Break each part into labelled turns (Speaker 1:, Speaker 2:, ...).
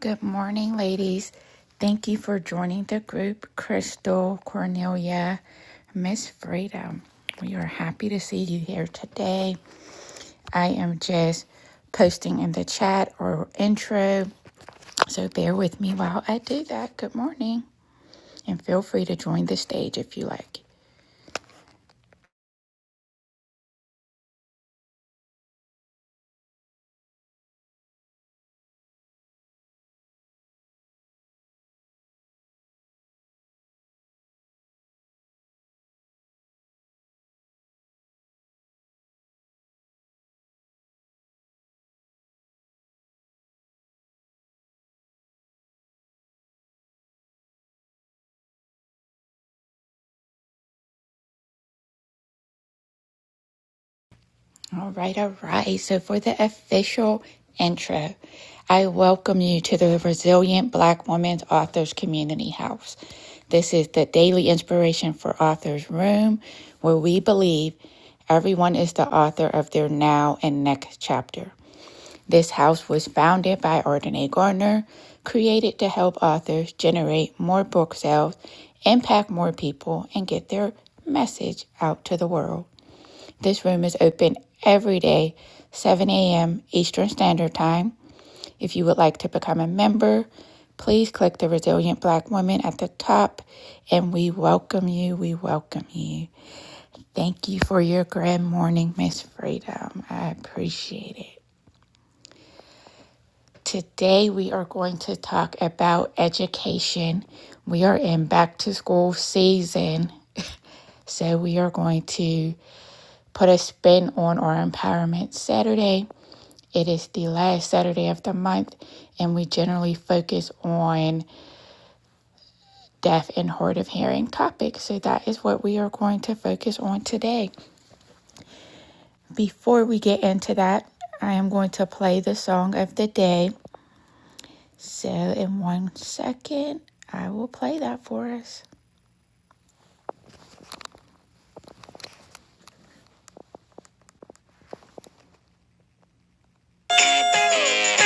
Speaker 1: Good morning, ladies. Thank you for joining the group, Crystal, Cornelia, Miss Freedom. We are happy to see you here today. I am just posting in the chat or intro, so bear with me while I do that. Good morning, and feel free to join the stage if you like. All right, all right. So, for the official intro, I welcome you to the Resilient Black Women's Authors Community House. This is the daily inspiration for authors room where we believe everyone is the author of their now and next chapter. This house was founded by Ardenae Gardner, created to help authors generate more book sales, impact more people, and get their message out to the world. This room is open every day, 7 a.m. Eastern Standard Time. If you would like to become a member, please click the Resilient Black Woman at the top and we welcome you. We welcome you. Thank you for your grand morning, Miss Freedom. I appreciate it. Today, we are going to talk about education. We are in back to school season, so we are going to put a spin on our Empowerment Saturday It is the last Saturday of the month, and we generally focus on deaf and hard of hearing topics. So that is what we are going to focus on today. Before we get into that, I am going to play the song of the day. So, in one second, I will play that for us.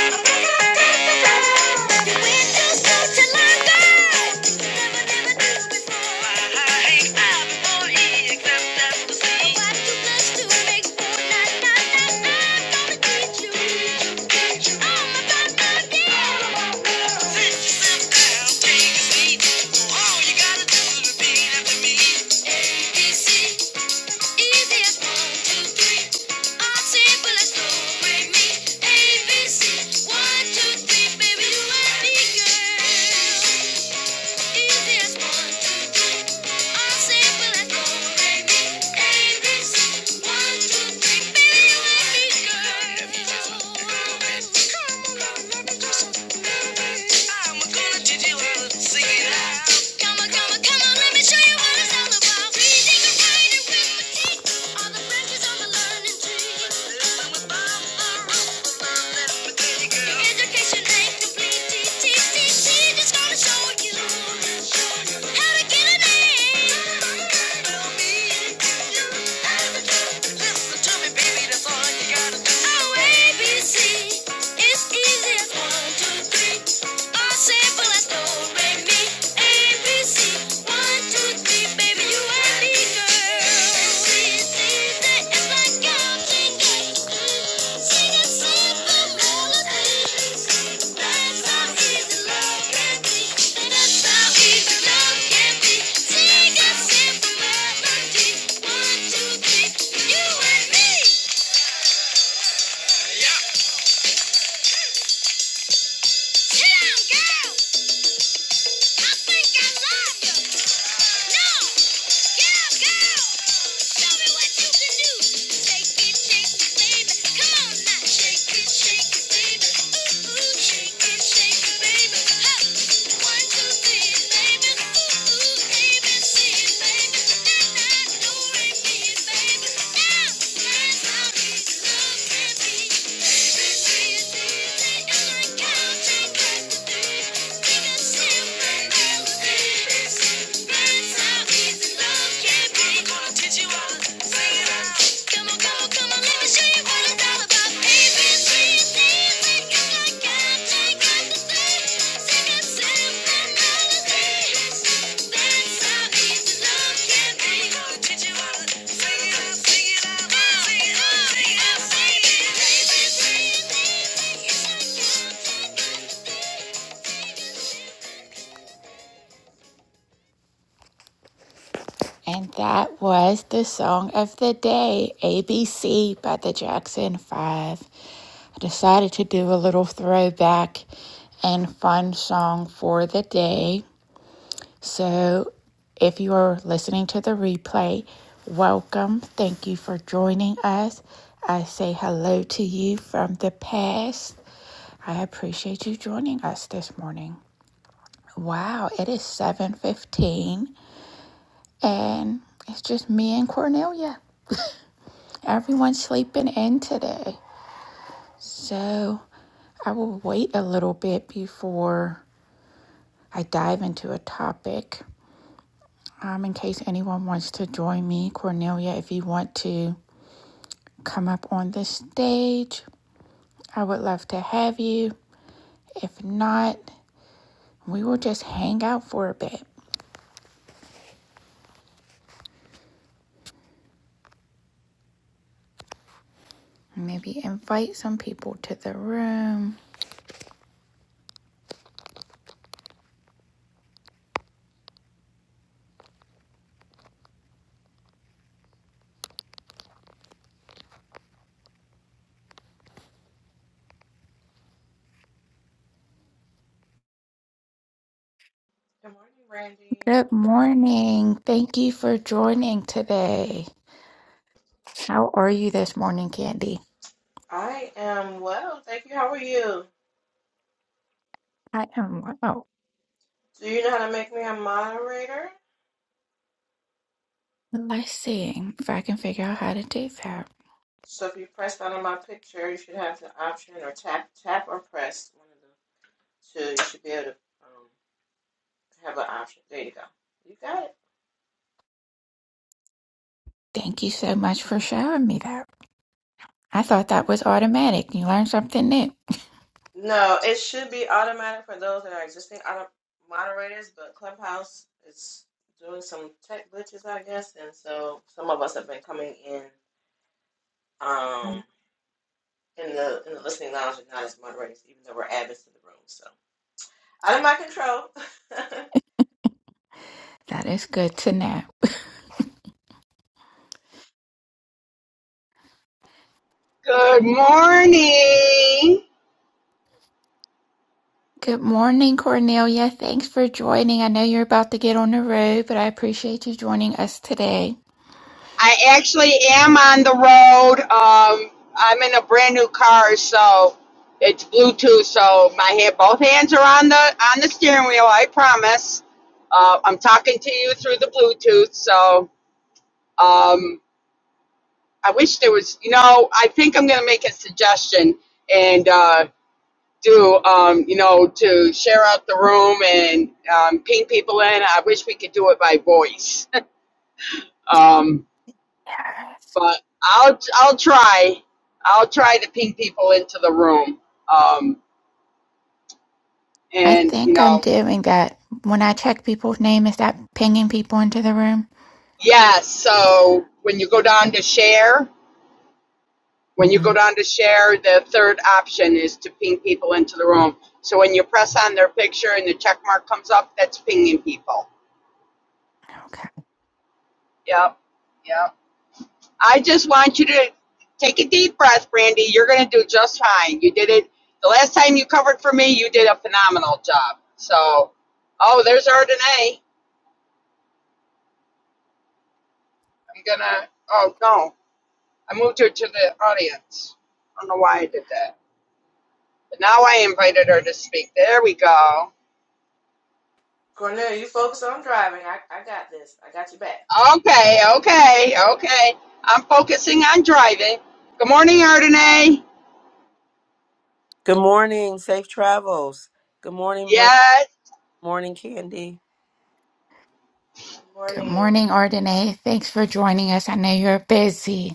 Speaker 1: Thank you. ABC, one, two, three, baby, you and me, girl. Reading and writing with my teeth, all the branches on the learning tree. Education ain't complete. Teacher's gonna show you how to get an A. Will be you. Listen to me, baby. That's all you gotta do. Oh, ABC. It's easy one, two, three. All simple as no, re, mi. One, two, three, you and me. Chill out, girl. I think I love you. No, girl, girl, show me what you can do. Shake it, shake it, baby. Come on now, shake it, shake it, baby. Ooh ooh, shake it, shake it, baby. Huh. One two three, baby. Ooh ooh, A B C, baby. Na na, do re mi, baby. Now that's how easy love can be. Baby, see it, see it, see it. I can't take back the day. Thank you. And that was the song of the day, ABC by the Jackson Five. I decided to do a little throwback and fun song for the day. So if you are listening to the replay, welcome. Thank you for joining us. I say hello to you from the past. I appreciate you joining us this morning. Wow, it is 7:15 and it's just me and Cornelia. Everyone's sleeping in today. So I will wait a little bit before I dive into a topic. Um, in case anyone wants to join me, Cornelia, if you want to come up on the stage, I would love to have you. If not, we will just hang out for a bit. Maybe invite some people to the room.
Speaker 2: Good morning, Randy.
Speaker 1: Good morning. Thank you for joining today. How are you this morning, Candy?
Speaker 2: I am well, thank you. How are you?
Speaker 1: I am well.
Speaker 2: Do you know how to make me a moderator?
Speaker 1: Let's see if I can figure out how to do that.
Speaker 2: So if you press down on my picture, you should have the option, or tap, tap, or press one of the two. You should be able to um, have an option. There you go. You got it.
Speaker 1: Thank you so much for showing me that. I thought that was automatic. You learned something new.
Speaker 2: No, it should be automatic for those that are existing auto- moderators, but Clubhouse is doing some tech glitches, I guess, and so some of us have been coming in. Um, in the in the listening lounge are not as moderators, even though we're admins to the room. So out of my control.
Speaker 1: That is good to know.
Speaker 3: Good morning.
Speaker 1: Good morning, Cornelia. Thanks for joining. I know you're about to get on the road, but I appreciate you joining us today.
Speaker 3: I actually am on the road. Um, I'm in a brand new car, so it's Bluetooth. So my hand, both hands are on the on the steering wheel. I promise. Uh, I'm talking to you through the Bluetooth. So um, I wish there was. You know, I think I'm going to make a suggestion and uh, do. Um, you know, to share out the room and um, ping people in. I wish we could do it by voice. Um,
Speaker 1: Yes.
Speaker 3: but I'll I'll try. I'll try to ping people into the room. Um,
Speaker 1: I
Speaker 3: and you
Speaker 1: think I'm
Speaker 3: know,
Speaker 1: doing that. When I check people's name, is that pinging people into the room?
Speaker 3: yeah. So when you go down to share, when you go
Speaker 1: hmm
Speaker 3: down to share, the third option is to ping people into the room. So when you press on their picture and the check mark comes up, that's pinging people.
Speaker 1: Okay.
Speaker 3: Yep. Yep. I just want you to take a deep breath, Brandy. You're going to do just fine. You did it the last time you covered for me. You did a phenomenal job. So, oh, there's Ardenae. I'm gonna. Oh no, I moved her to the audience. I don't know why I did that. But now I invited her to speak. There we go.
Speaker 2: Cornelia, you focus on driving. I, I got this. I got you back.
Speaker 3: Okay, okay, okay. I'm focusing on driving. Good morning, Ardenae.
Speaker 4: Good morning. Safe travels. Good morning, Brand.
Speaker 3: Yes.
Speaker 4: morning, Candy.
Speaker 2: Good
Speaker 1: Good
Speaker 2: morning.
Speaker 1: morning, Ardenae. Thanks for joining us. I know you're busy.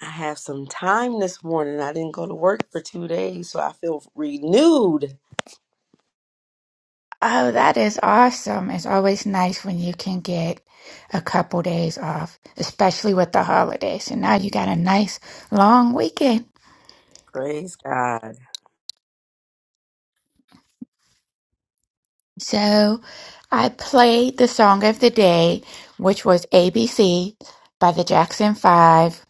Speaker 4: I have some time this morning. I didn't go to work for two days, so I feel renewed.
Speaker 1: Oh, that is awesome. It's always nice when you can get a couple days off, especially with the holidays. So now you got a nice long weekend.
Speaker 4: Praise God.
Speaker 1: So I played the song of the day, which was ABC by the Jackson Five.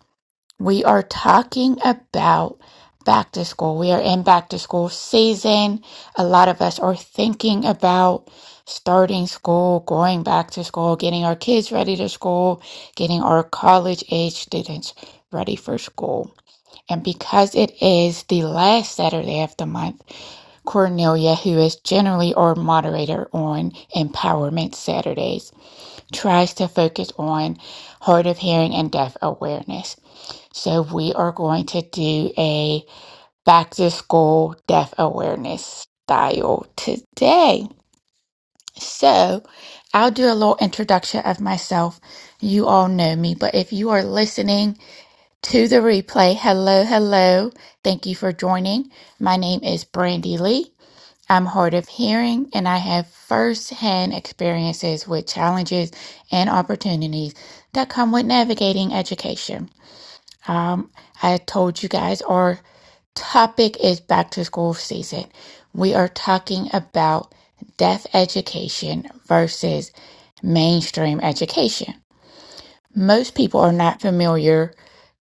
Speaker 1: We are talking about back to school. We are in back to school season. A lot of us are thinking about starting school, going back to school, getting our kids ready to school, getting our college age students ready for school. And because it is the last Saturday of the month, Cornelia, who is generally our moderator on Empowerment Saturdays, tries to focus on hard of hearing and deaf awareness. So we are going to do a back to school deaf awareness style today. So I'll do a little introduction of myself. You all know me, but if you are listening to the replay, hello, hello. Thank you for joining. My name is Brandi Lee. I'm hard of hearing and I have first-hand experiences with challenges and opportunities that come with navigating education. Um, I told you guys our topic is back to school season. We are talking about deaf education versus mainstream education. Most people are not familiar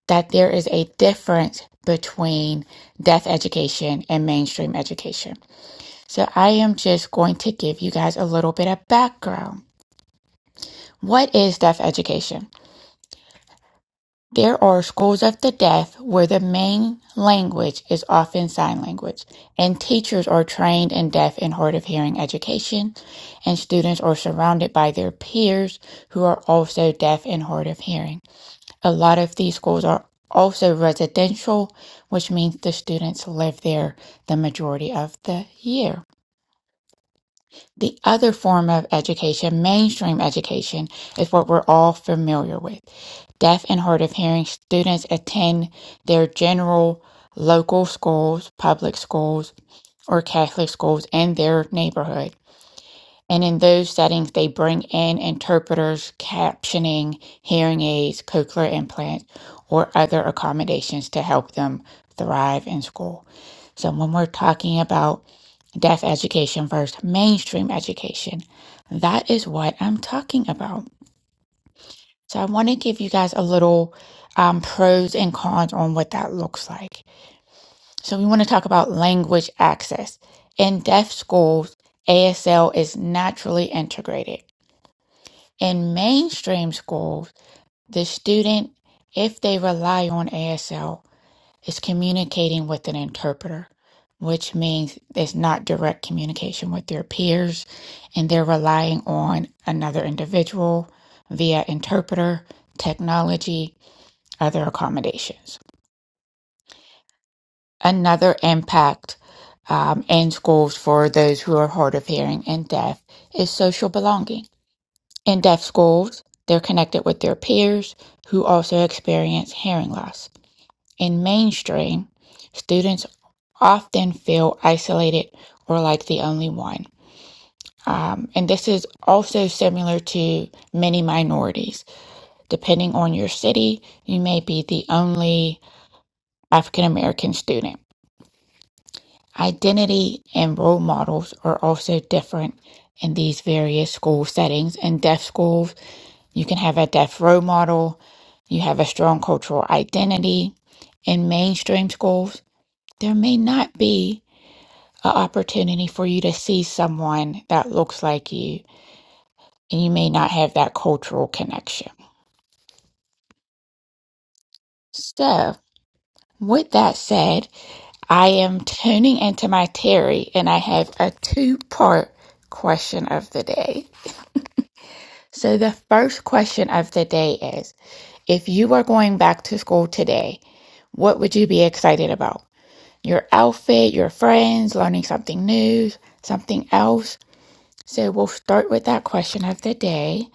Speaker 1: that there is a difference between deaf education and mainstream education. So I am just going to give you guys a little bit of background. What is deaf education? There are schools of the deaf where the main language is often sign language, and teachers are trained in deaf and hard of hearing education, and students are surrounded by their peers who are also deaf and hard of hearing. A lot of these schools are also residential, which means the students live there the majority of the year. The other form of education, mainstream education, is what we're all familiar with. Deaf and hard of hearing students attend their general local schools, public schools, or Catholic schools in their neighborhood. And in those settings, they bring in interpreters, captioning, hearing aids, cochlear implants, or other accommodations to help them thrive in school. So when we're talking about Deaf education versus mainstream education. That is what I'm talking about. So I want to give you guys a little um, pros and cons on what that looks like. So we want to talk about language access. In deaf schools, ASL is naturally integrated. In mainstream schools, the student, if they rely on ASL, It's communicating with an interpreter, which means it's not direct communication with their peers and they're relying on another individual via interpreter, technology, other accommodations. Another impact um, in schools for those who are hard of hearing and deaf is social belonging. In deaf schools, they're connected with their peers who also experience hearing loss. In mainstream, students often feel isolated or like the only one. Um, and this is also similar to many minorities. Depending on your city, you may be the only African American student. Identity and role models are also different in these various school settings. In deaf schools, you can have a deaf role model, you have a strong cultural identity. In mainstream schools, there may not be an opportunity for you to see someone that looks like you, and you may not have that cultural connection. So, with that said, I am tuning into my Terry, and I have a two part question of the day. So, the first question of the day is if you were going back to school today, what would you be excited about? Your outfit, your friends, learning something new, something else? So we'll start with that question of the day.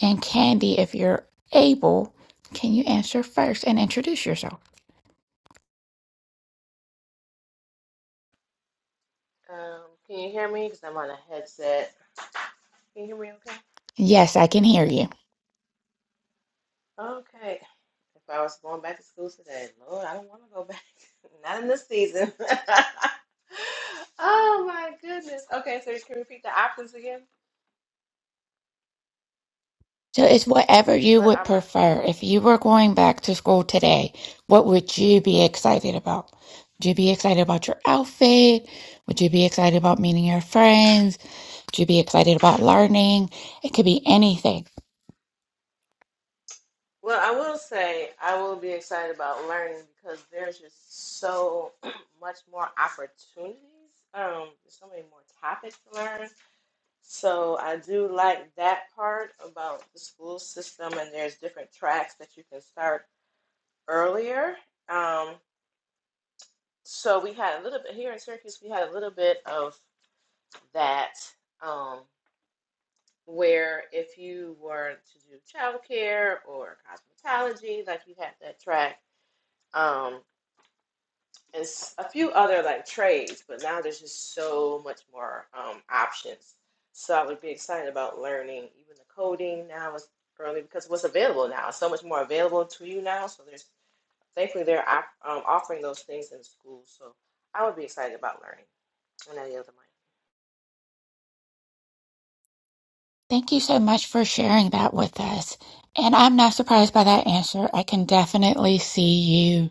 Speaker 1: And Candy, if you're able, can you answer first and introduce yourself?
Speaker 2: Um, can you hear me? Because I'm on a headset. Can you hear me okay?
Speaker 1: Yes, I can hear you.
Speaker 2: Okay. If I was going back to school today, Lord, I don't want to go back. not in this season. oh my goodness. Okay, so you can repeat the options again.
Speaker 1: So it's whatever you
Speaker 2: What
Speaker 1: would
Speaker 2: are my
Speaker 1: prefer. If you were going back to school today, what would you be excited about? Would you be excited about your outfit? Would you be excited about meeting your friends? Would you be excited about learning? It could be anything.
Speaker 2: Well, I will say I will be excited about learning because there's just so much more opportunities. Um, there's so many more topics to learn. So I do like that part about the school system, and there's different tracks that you can start earlier. Um, so we had a little bit here in Syracuse. We had a little bit of that, um, where if you were to do childcare or cosmetology, like you had that track. Um, and a few other like trades, but now there's just so much more um, options. So I would be excited about learning even the coding now is early because what's available now is so much more available to you now. So there's thankfully they're um, offering those things in school. So I would be excited about learning. And any other mic.
Speaker 1: Thank you so much for sharing that with us. And I'm not surprised by that answer. I can definitely see you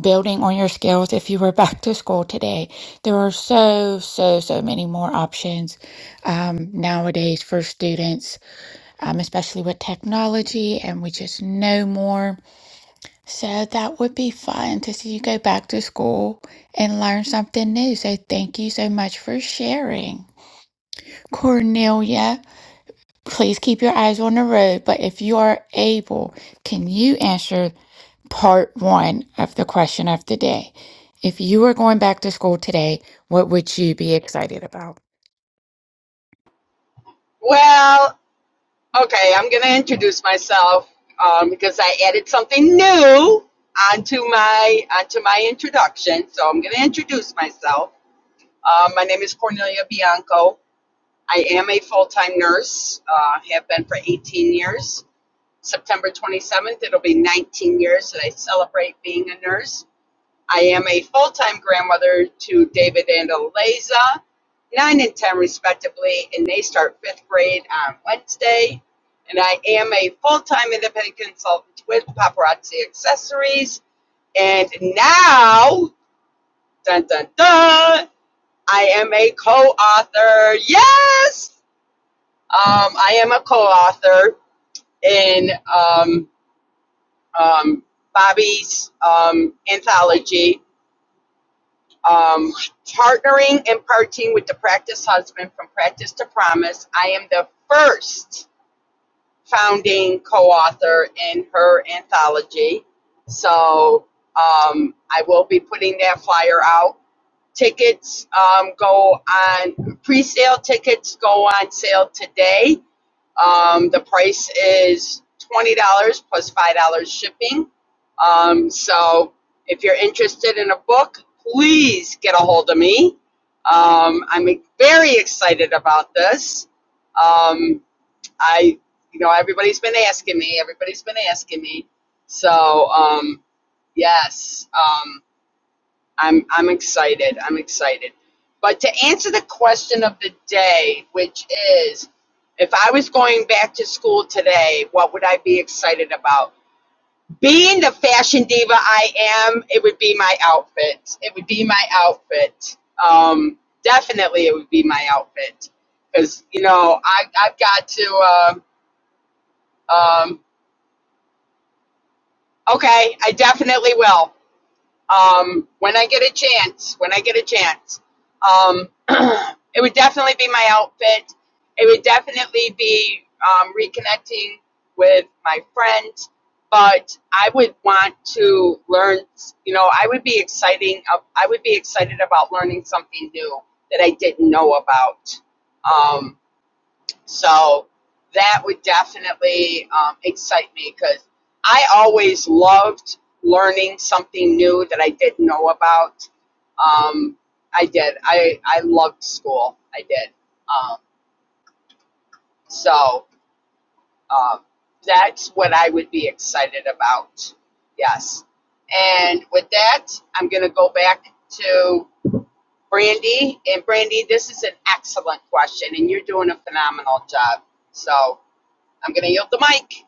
Speaker 1: building on your skills if you were back to school today. There are so, so, so many more options um, nowadays for students, um, especially with technology, and we just know more. So that would be fun to see you go back to school and learn something new. So thank you so much for sharing. Cornelia. Please keep your eyes on the road, but if you are able, can you answer part one of the question of the day? If you were going back to school today, what would you be excited about?
Speaker 3: Well, Okay, I'm going to introduce myself um, because I added something new onto my onto my introduction. So I'm going to introduce myself. Uh, my name is Cornelia Bianco. I am a full time nurse. Uh, have been for 18 years. September 27th, it'll be 19 years that I celebrate being a nurse. I am a full time grandmother to David and Eliza, 9 and 10 respectively, and they start fifth grade on Wednesday. And I am a full time independent consultant with Paparazzi Accessories. And now, dun dun dun, I am a co author. Yes! Um, I am a co author in um, um, Bobby's um, anthology um, partnering and partying with the practice husband from practice to promise i am the first founding co-author in her anthology so um, i will be putting that flyer out tickets um, go on pre-sale tickets go on sale today um, the price is twenty dollars plus five dollars shipping. Um, so if you're interested in a book, please get a hold of me. Um, I'm very excited about this. Um, I, you know, everybody's been asking me. Everybody's been asking me. So um, yes. Um, I'm I'm excited. I'm excited. But to answer the question of the day, which is if I was going back to school today, what would I be excited about? Being the fashion diva I am, it would be my outfit. It would be my outfit. Um, definitely, it would be my outfit. Because, you know, I, I've got to, uh, um, okay, I definitely will. um, when I get a chance, when I get a chance. Um, it would definitely be my outfit. It would definitely be um, reconnecting with my friends. But I would want to learn. You know, I would be exciting. I would be excited about learning something new that I didn't know about. Um, so that would definitely um, excite me because I always loved learning something new that I didn't know about. Um, I did. I, I loved school. I did. Um, so um, that's what I would be excited about. Yes. And with that, I'm going to go back to Brandy. And Brandy, this is an excellent question, and you're doing a phenomenal job. So I'm going to yield the mic.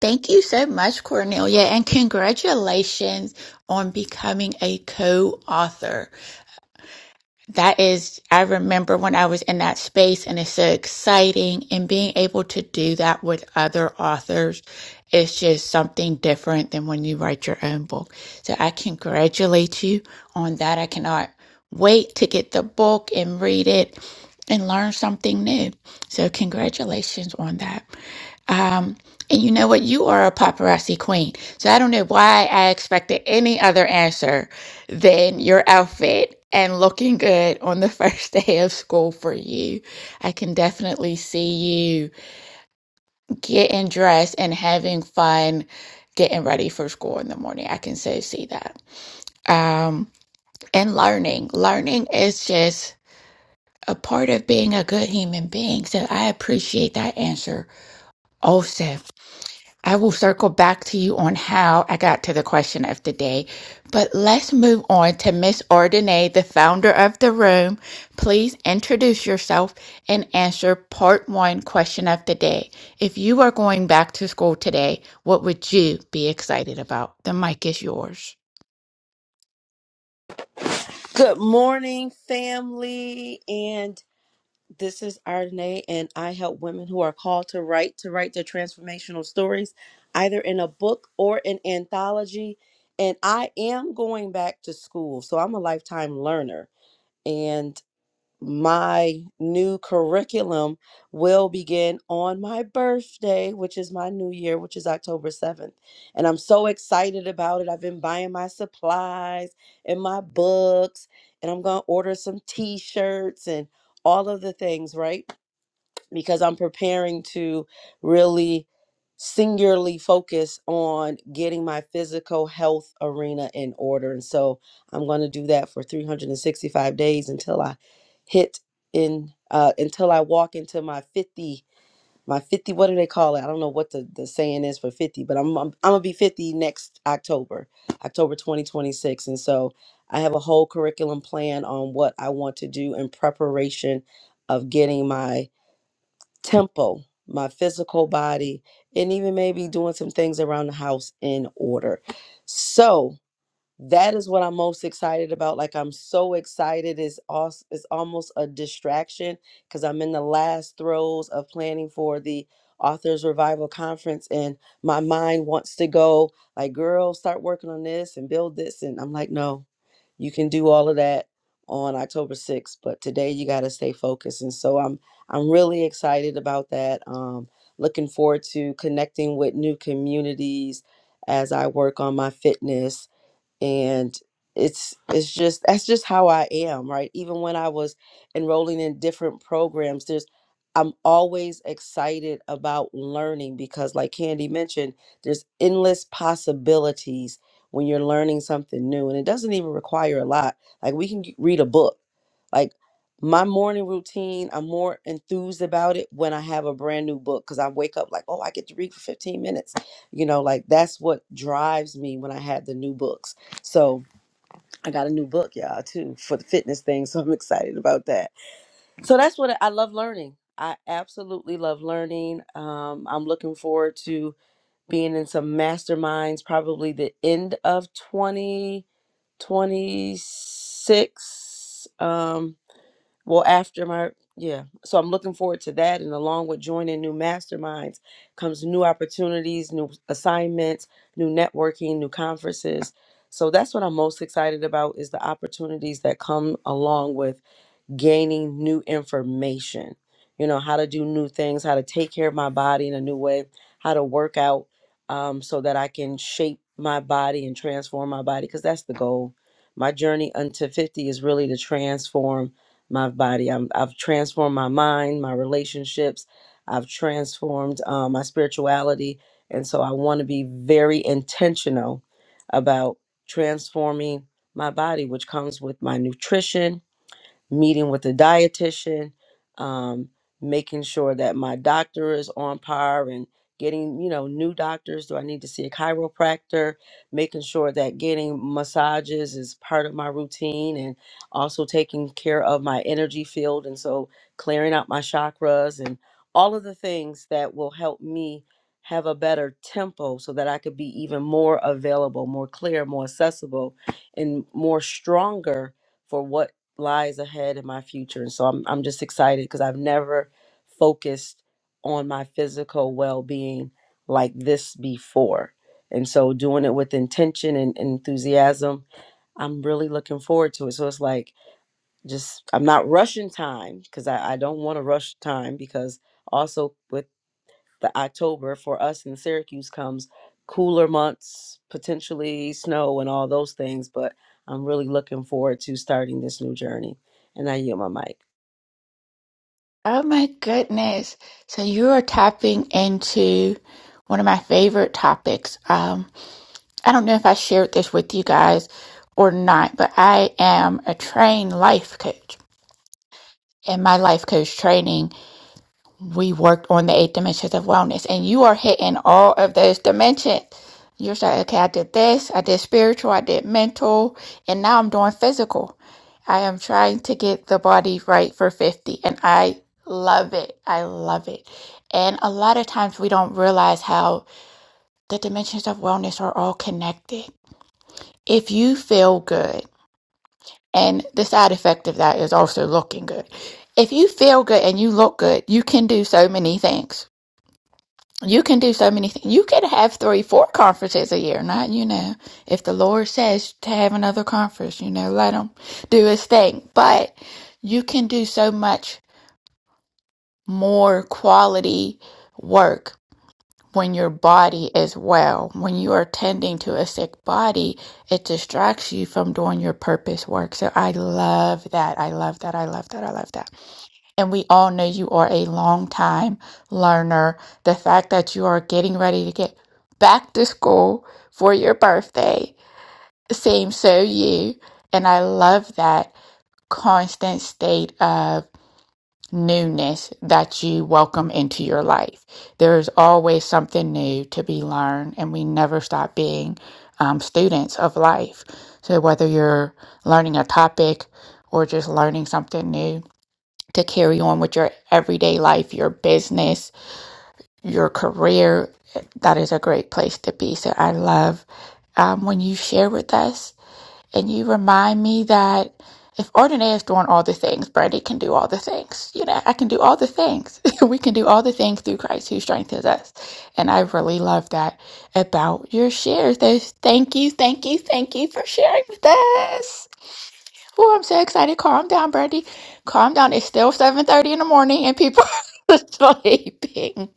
Speaker 1: Thank you so much, Cornelia, and congratulations on becoming a co-author. that is, I remember when I was in that space and it's so exciting and being able to do that with other authors is just something different than when you write your own book. So I congratulate you on that. I cannot wait to get the book and read it and learn something new. So congratulations on that. Um, and you know what? You are a paparazzi queen. So I don't know why I expected any other answer than your outfit and looking good on the first day of school for you. I can definitely see you getting dressed and having fun getting ready for school in the morning. I can so see that. Um, and learning. Learning is just a part of being a good human being. So I appreciate that answer also. I will circle back to you on how I got to the question of the day, but let's move on to Miss Ordine, the founder of the room. Please introduce yourself and answer part one question of the day. If you are going back to school today, what would you be excited about? The mic is yours.
Speaker 4: Good morning, family. And this is Ardenae, and I help women who are called to write to write their transformational stories, either in a book or an anthology. And I am going back to school, so I'm a lifetime learner. And my new curriculum will begin on my birthday, which is my new year, which is October 7th. And I'm so excited about it. I've been buying my supplies and my books, and I'm going to order some t shirts and all of the things, right? because I'm preparing to really singularly focus on getting my physical health arena in order. And so I'm going to do that for 365 days until I hit in, uh, until I walk into my 50, my 50, what do they call it? I don't know what the, the saying is for 50, but I'm, I'm, I'm going to be 50 next October, October 2026. And so I have a whole curriculum plan on what I want to do in preparation of getting my temple, my physical body, and even maybe doing some things around the house in order. So that is what I'm most excited about. Like I'm so excited. It's also it's almost a distraction because I'm in the last throes of planning for the Authors Revival Conference, and my mind wants to go like, "Girl, start working on this and build this." And I'm like, "No, you can do all of that on October 6th, but today you got to stay focused. And so I'm I'm really excited about that. Um, looking forward to connecting with new communities as I work on my fitness and it's it's just that's just how I am, right? Even when I was enrolling in different programs, there's I'm always excited about learning because like Candy mentioned, there's endless possibilities when you're learning something new and it doesn't even require a lot. Like we can g- read a book. Like my morning routine, I'm more enthused about it when I have a brand new book cuz I wake up like, "Oh, I get to read for 15 minutes." You know, like that's what drives me when I had the new books so I got a new book, y'all, too, for the fitness thing. So I'm excited about that. So that's what I I love learning. I absolutely love learning. Um, I'm looking forward to being in some masterminds, probably the end of 2026. Um, well after my yeah so i'm looking forward to that and along with joining new masterminds comes new opportunities new assignments new networking new conferences so that's what i'm most excited about is the opportunities that come along with gaining new information, you know, how to do new things, how to take care of my body in a new way, how to work out um, so that I can shape my body and transform my body, because that's the goal. My journey unto 50 is really to transform my body. I'm, I've transformed my mind, my relationships, I've transformed um, my spirituality. And so I want to be very intentional about transforming my body, which comes with my nutrition meeting with a dietitian, um, making sure that my doctor is on par and getting, you know, new doctors. Do I need to see a chiropractor? Making sure that getting massages is part of my routine and also taking care of my energy field. And so clearing out my chakras and all of the things that will help me have a better tempo so that I could be even more available, more clear, more accessible, and more stronger for what lies ahead in my future. And so I'm I'm just excited because I've never focused on my physical well-being like this before. And so doing it with intention and enthusiasm, I'm really looking forward to it. So it's like just I'm not rushing time because I, I don't want to rush time because also with the October for us in Syracuse comes cooler months, potentially snow and all those things. But I'm really looking forward to starting this new journey. And I yield my mic.
Speaker 1: Oh my goodness. So you are tapping into one of my favorite topics. Um, I don't know if I shared this with you guys or not, but I am a trained life coach. In my life coach training, we worked on the eight dimensions of wellness, and you are hitting all of those dimensions. You're saying, okay, I did this, I did spiritual, I did mental, and now I'm doing physical. I am trying to get the body right for 50, and I love it. I love it. And a lot of times we don't realize how the dimensions of wellness are all connected. If you feel good, And the side effect of that is also looking good. If you feel good and you look good, you can do so many things. You can do so many things. You could have three, four conferences a year. Not, you know, if the Lord says to have another conference, you know, let him do his thing. But you can do so much more quality work when your body as well. When you are tending to a sick body, it distracts you from doing your purpose work. So I love that. I love that. I love that. I love that. And we all know you are a long time learner. The fact that you are getting ready to get back to school for your birthday, seems so you. And I love that constant state of newness that you welcome into your life. There is always something new to be learned, and we never stop being um, students of life. So, whether you're learning a topic or just learning something new to carry on with your everyday life, your business, your career, that is a great place to be. So, I love um, when you share with us and you remind me that if Ordinary is doing all the things, Brandy can do all the things. You know, I can do all the things. we can do all the things through Christ who strengthens us. And I really love that about your shares. Those thank you, thank you, thank you for sharing with us. Oh, I'm so excited. Calm down, Brandy. Calm down. It's still 7:30 in the morning and people are sleeping.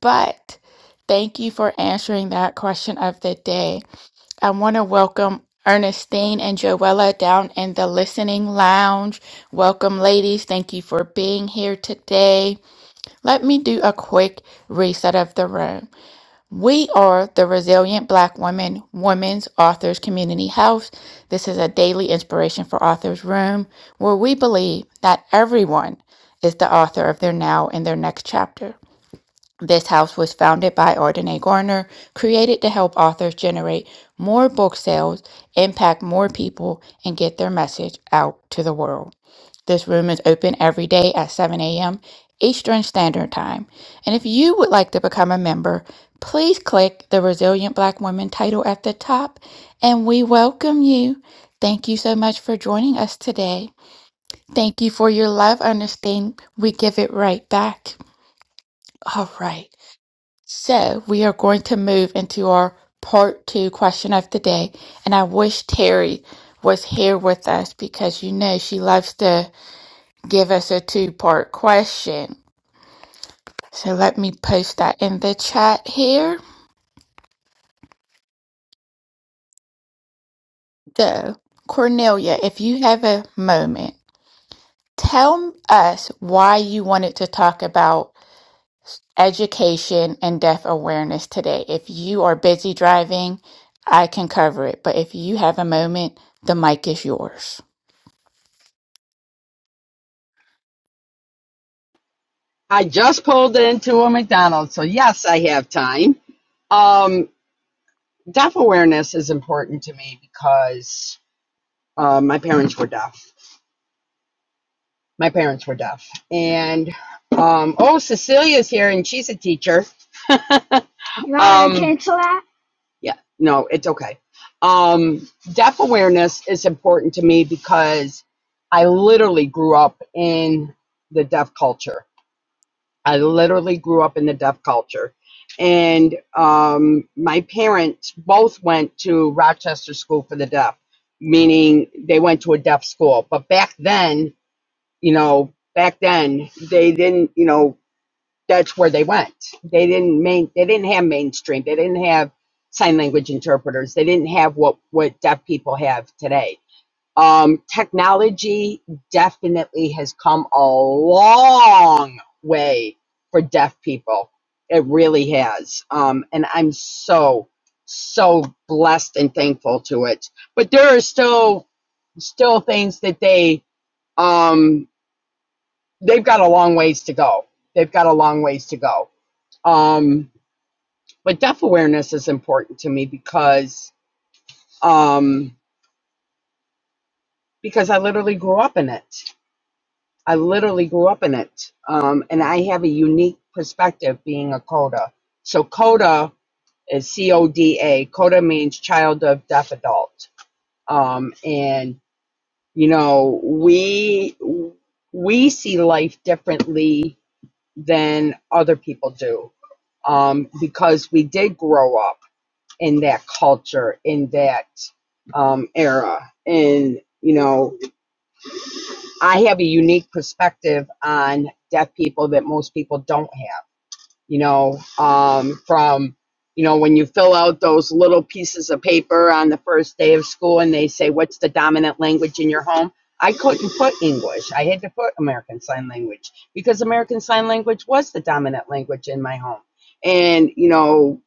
Speaker 1: But thank you for answering that question of the day. I want to welcome Ernestine and Joella down in the listening lounge. Welcome, ladies. Thank you for being here today. Let me do a quick reset of the room. We are the Resilient Black Women Women's Authors Community House. This is a daily inspiration for authors room where we believe that everyone is the author of their now and their next chapter. This house was founded by Ardenae Garner, created to help authors generate more book sales, impact more people, and get their message out to the world. This room is open every day at 7 a.m. Eastern Standard Time. And if you would like to become a member, please click the Resilient Black Women title at the top, and we welcome you. Thank you so much for joining us today. Today. Thank you for your love. Understand we give it right back. All right. So we are going to move into our part two question of the day. And I wish Terry was here with us because you know she loves to give us a two part question. So let me post that in the chat here. So, Cornelia, if you have a moment, tell us why you wanted to talk about education and deaf awareness today. If you are busy driving, I can cover it. But if you have a moment, the mic is yours.
Speaker 3: I just pulled into a McDonald's, so yes, I have time. Um, deaf awareness is important to me because uh, my parents were deaf. My parents were deaf, and um, oh, Cecilia's here, and she's a teacher. You want um, to um, cancel that? yeah, no, it's okay. Um, deaf awareness is important to me because I literally grew up in the deaf culture. I literally grew up in the deaf culture. And um, my parents both went to Rochester School for the Deaf, meaning they went to a deaf school. But back then, you know, back then they didn't, you know, that's where they went. They didn't main, they didn't have mainstream. They didn't have sign language interpreters. They didn't have what what deaf people have today. Um, technology definitely has come a long way for deaf people. It really has. Um, and I'm so, so blessed and thankful to it. But there are still, still things that they, um, they've got a long ways to go. They've got a long ways to go. Um, but deaf awareness is important to me because, um, because I literally grew up in it I literally grew up in it. Um, and I have a unique perspective being a CODA. So CODA is C-O-D-A. CODA means child of deaf adult. Um, and, you know, we, we see life differently than other people do um, because we did grow up in that culture, in that um, era. And, you know, I have a unique perspective on deaf people that most people don't have, you know, um, from, you know, when you fill out those little pieces of paper on the first day of school and they say, what's the dominant language in your home? I couldn't put English. I had to put American Sign Language because American Sign Language was the dominant language in my home. And, you know,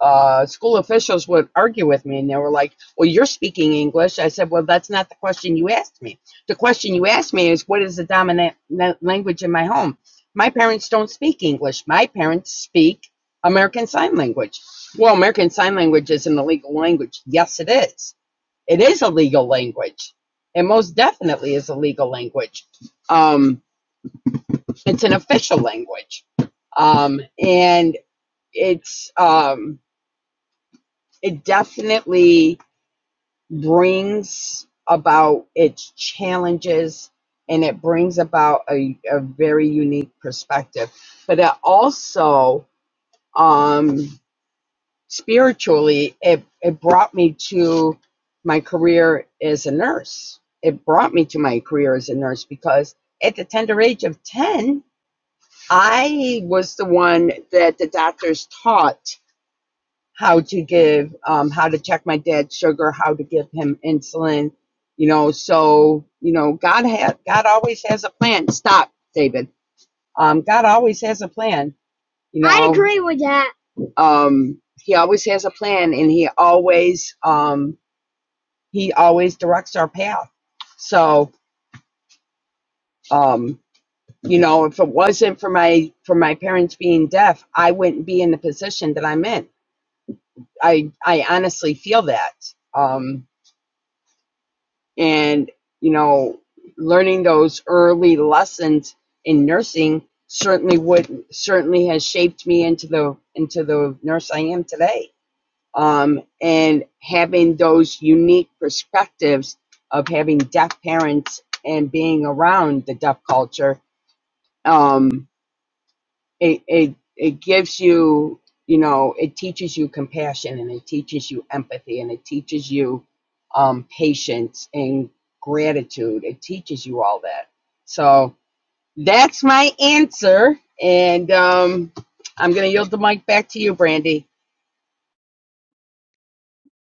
Speaker 3: uh, school officials would argue with me and they were like, Well, you're speaking English. I said, Well, that's not the question you asked me. The question you asked me is, What is the dominant language in my home? My parents don't speak English. My parents speak American Sign Language. Well, American Sign Language is an illegal language. Yes, it is. It is a legal language. It most definitely is a legal language. Um, it's an official language. Um, and it's. Um, it definitely brings about its challenges and it brings about a, a very unique perspective but it also um spiritually it it brought me to my career as a nurse it brought me to my career as a nurse because at the tender age of 10 i was the one that the doctors taught how to give, um, how to check my dad's sugar, how to give him insulin, you know. So, you know, God has, God always has a plan. Stop, David. Um, God always has a plan. You know, I agree with that. Um, he always has a plan, and he always, um, he always directs our path. So, um, you know, if it wasn't for my for my parents being deaf, I wouldn't be in the position that I'm in. I I honestly feel that. Um, and you know learning those early lessons in nursing certainly would certainly has shaped me into the into the nurse I am today um and having those unique perspectives of having deaf parents and being around the deaf culture um, it it it gives you you know it teaches you compassion and it teaches you empathy and it teaches you um, patience and gratitude it teaches you all that so that's my answer and um, i'm going to yield the mic back to you brandy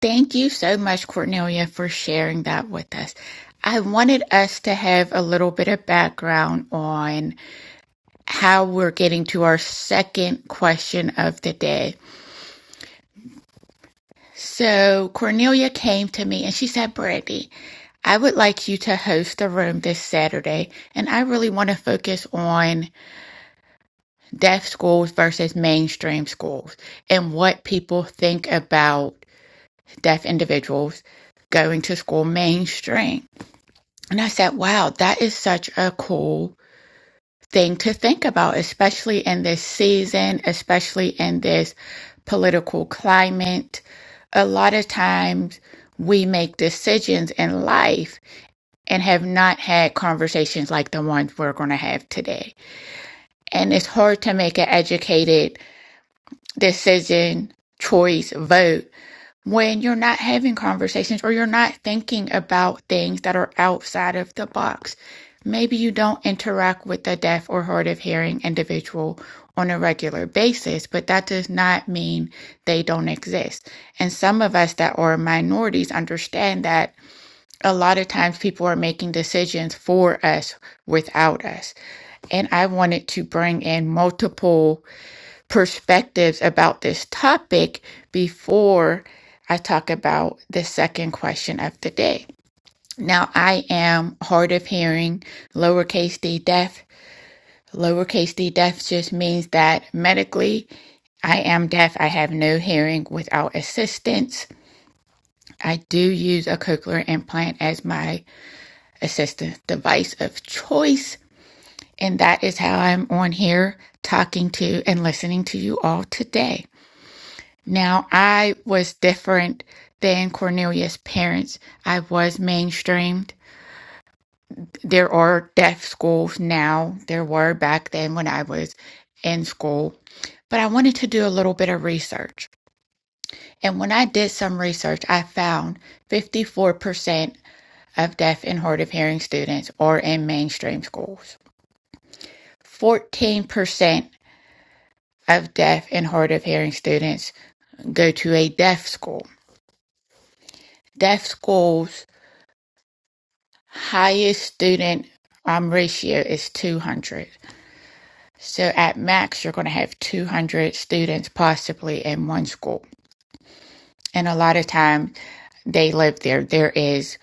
Speaker 1: Thank you so much, Cornelia, for sharing that with us. I wanted us to have a little bit of background on how we're getting to our second question of the day. So, Cornelia came to me and she said, Brandy, I would like you to host a room this Saturday, and I really want to focus on deaf schools versus mainstream schools and what people think about deaf individuals going to school mainstream. And I said, wow, that is such a cool thing to think about, especially in this season, especially in this political climate. A lot of times we make decisions in life and have not had conversations like the ones we're going to have today. And it's hard to make an educated decision, choice, vote when you're not having conversations or you're not thinking about things that are outside of the box. Maybe you don't interact with a deaf or hard of hearing individual on a regular basis, but that does not mean they don't exist. And some of us that are minorities understand that a lot of times people are making decisions for us without us. And I wanted to bring in multiple perspectives about this topic before I talk about the second question of the day. Now, I am hard of hearing, lowercase d deaf. Lowercase d deaf just means that medically I am deaf. I have no hearing without assistance. I do use a cochlear implant as my assistance device of choice. And that is how I'm on here talking to and listening to you all today. Now, I was different than Cornelia's parents. I was mainstreamed. There are deaf schools now. There were back then when I was in school. But I wanted to do a little bit of research. And when I did some research, I found 54% of deaf and hard of hearing students are in mainstream schools. 14% of deaf and hard of hearing students go to a deaf school. Deaf schools highest student um, ratio is 200. So at max, you're going to have 200 students possibly in one school. And a lot of times they live there. There is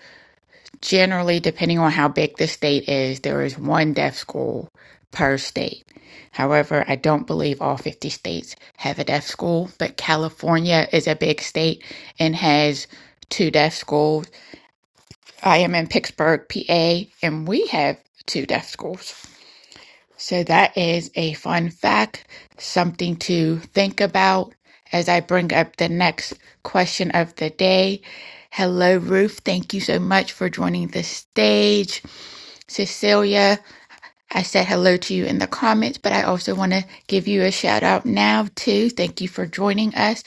Speaker 1: generally, depending on how big the state is, there is one deaf school per state. However, I don't believe all 50 states have a deaf school, but California is a big state and has two deaf schools. I am in Pittsburgh, PA, and we have two deaf schools. So that is a fun fact, something to think about as I bring up the next question of the day. Hello, Ruth. Thank you so much for joining the stage. Cecilia, I said hello to you in the comments, but I also want to give you a shout out now, too. Thank you for joining us.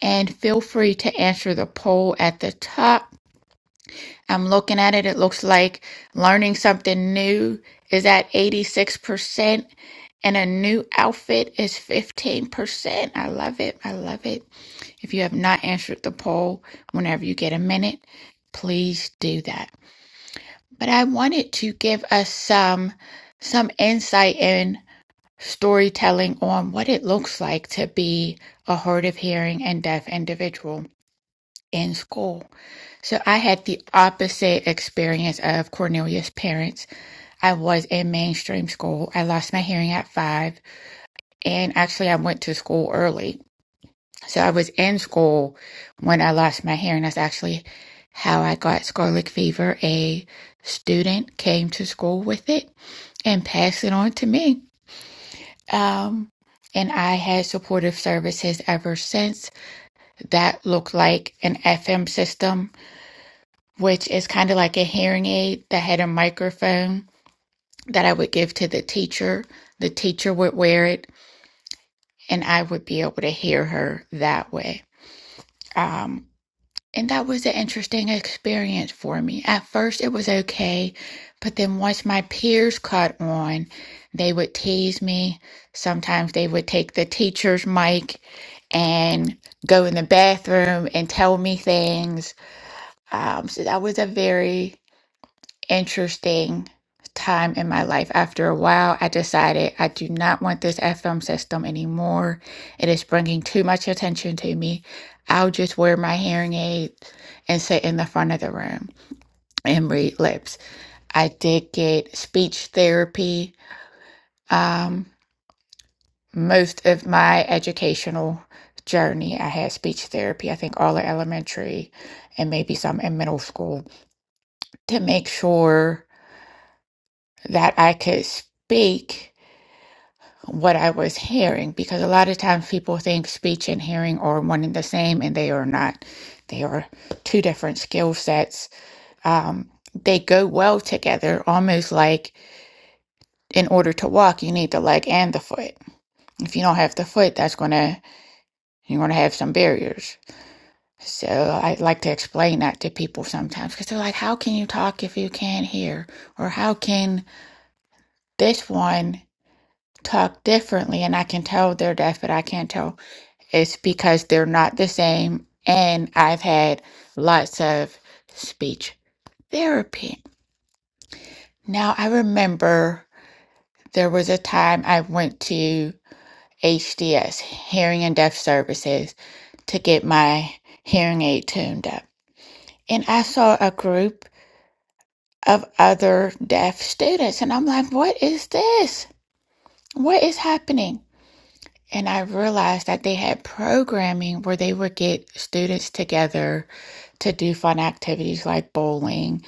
Speaker 1: And feel free to answer the poll at the top. I'm looking at it. It looks like learning something new is at 86%, and a new outfit is 15%. I love it. I love it. If you have not answered the poll, whenever you get a minute, please do that. But I wanted to give us some some insight in storytelling on what it looks like to be a hard of hearing and deaf individual in school. So I had the opposite experience of Cornelia's parents. I was in mainstream school. I lost my hearing at five, and actually, I went to school early. So I was in school when I lost my hearing. That's actually how I got scarlet fever. A student came to school with it and passed it on to me. Um, and I had supportive services ever since. That looked like an FM system which is kind of like a hearing aid that had a microphone that I would give to the teacher. The teacher would wear it, and I would be able to hear her that way. Um, and that was an interesting experience for me. At first, it was okay, but then once my peers caught on, they would tease me. Sometimes they would take the teacher's mic and go in the bathroom and tell me things. Um, so that was a very interesting time in my life. After a while, I decided I do not want this FM system anymore. It is bringing too much attention to me. I'll just wear my hearing aid and sit in the front of the room and read lips. I did get speech therapy. Um, most of my educational journey, I had speech therapy, I think all of elementary and maybe some in middle school to make sure that I could speak what I was hearing because a lot of times people think speech and hearing are one and the same, and they are not. They are two different skill sets. Um, they go well together, almost like in order to walk, you need the leg and the foot. If you don't have the foot, that's gonna you're gonna have some barriers. So I like to explain that to people sometimes because they're like, "How can you talk if you can't hear?" Or "How can this one talk differently?" And I can tell they're deaf, but I can't tell It's because they're not the same. And I've had lots of speech therapy. Now, I remember there was a time I went to HDS, Hearing and Deaf Services, to get my hearing aid tuned up. And I saw a group of other deaf students, and I'm like, what is this? What is happening? And I realized that they had programming where they would get students together to do fun activities like bowling,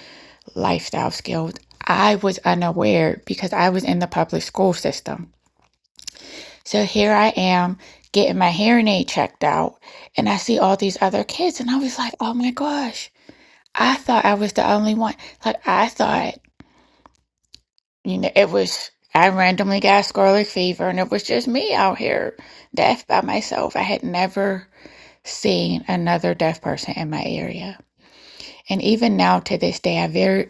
Speaker 1: lifestyle skills. I was unaware because I was in the public school system. So here I am getting my hearing aid checked out, and I see all these other kids, and I was like, oh my gosh, I thought I was the only one. Like, I thought, you know, it was, I randomly got scarlet fever, and it was just me out here, deaf by myself. I had never seeing another deaf person in my area. And even now to this day I very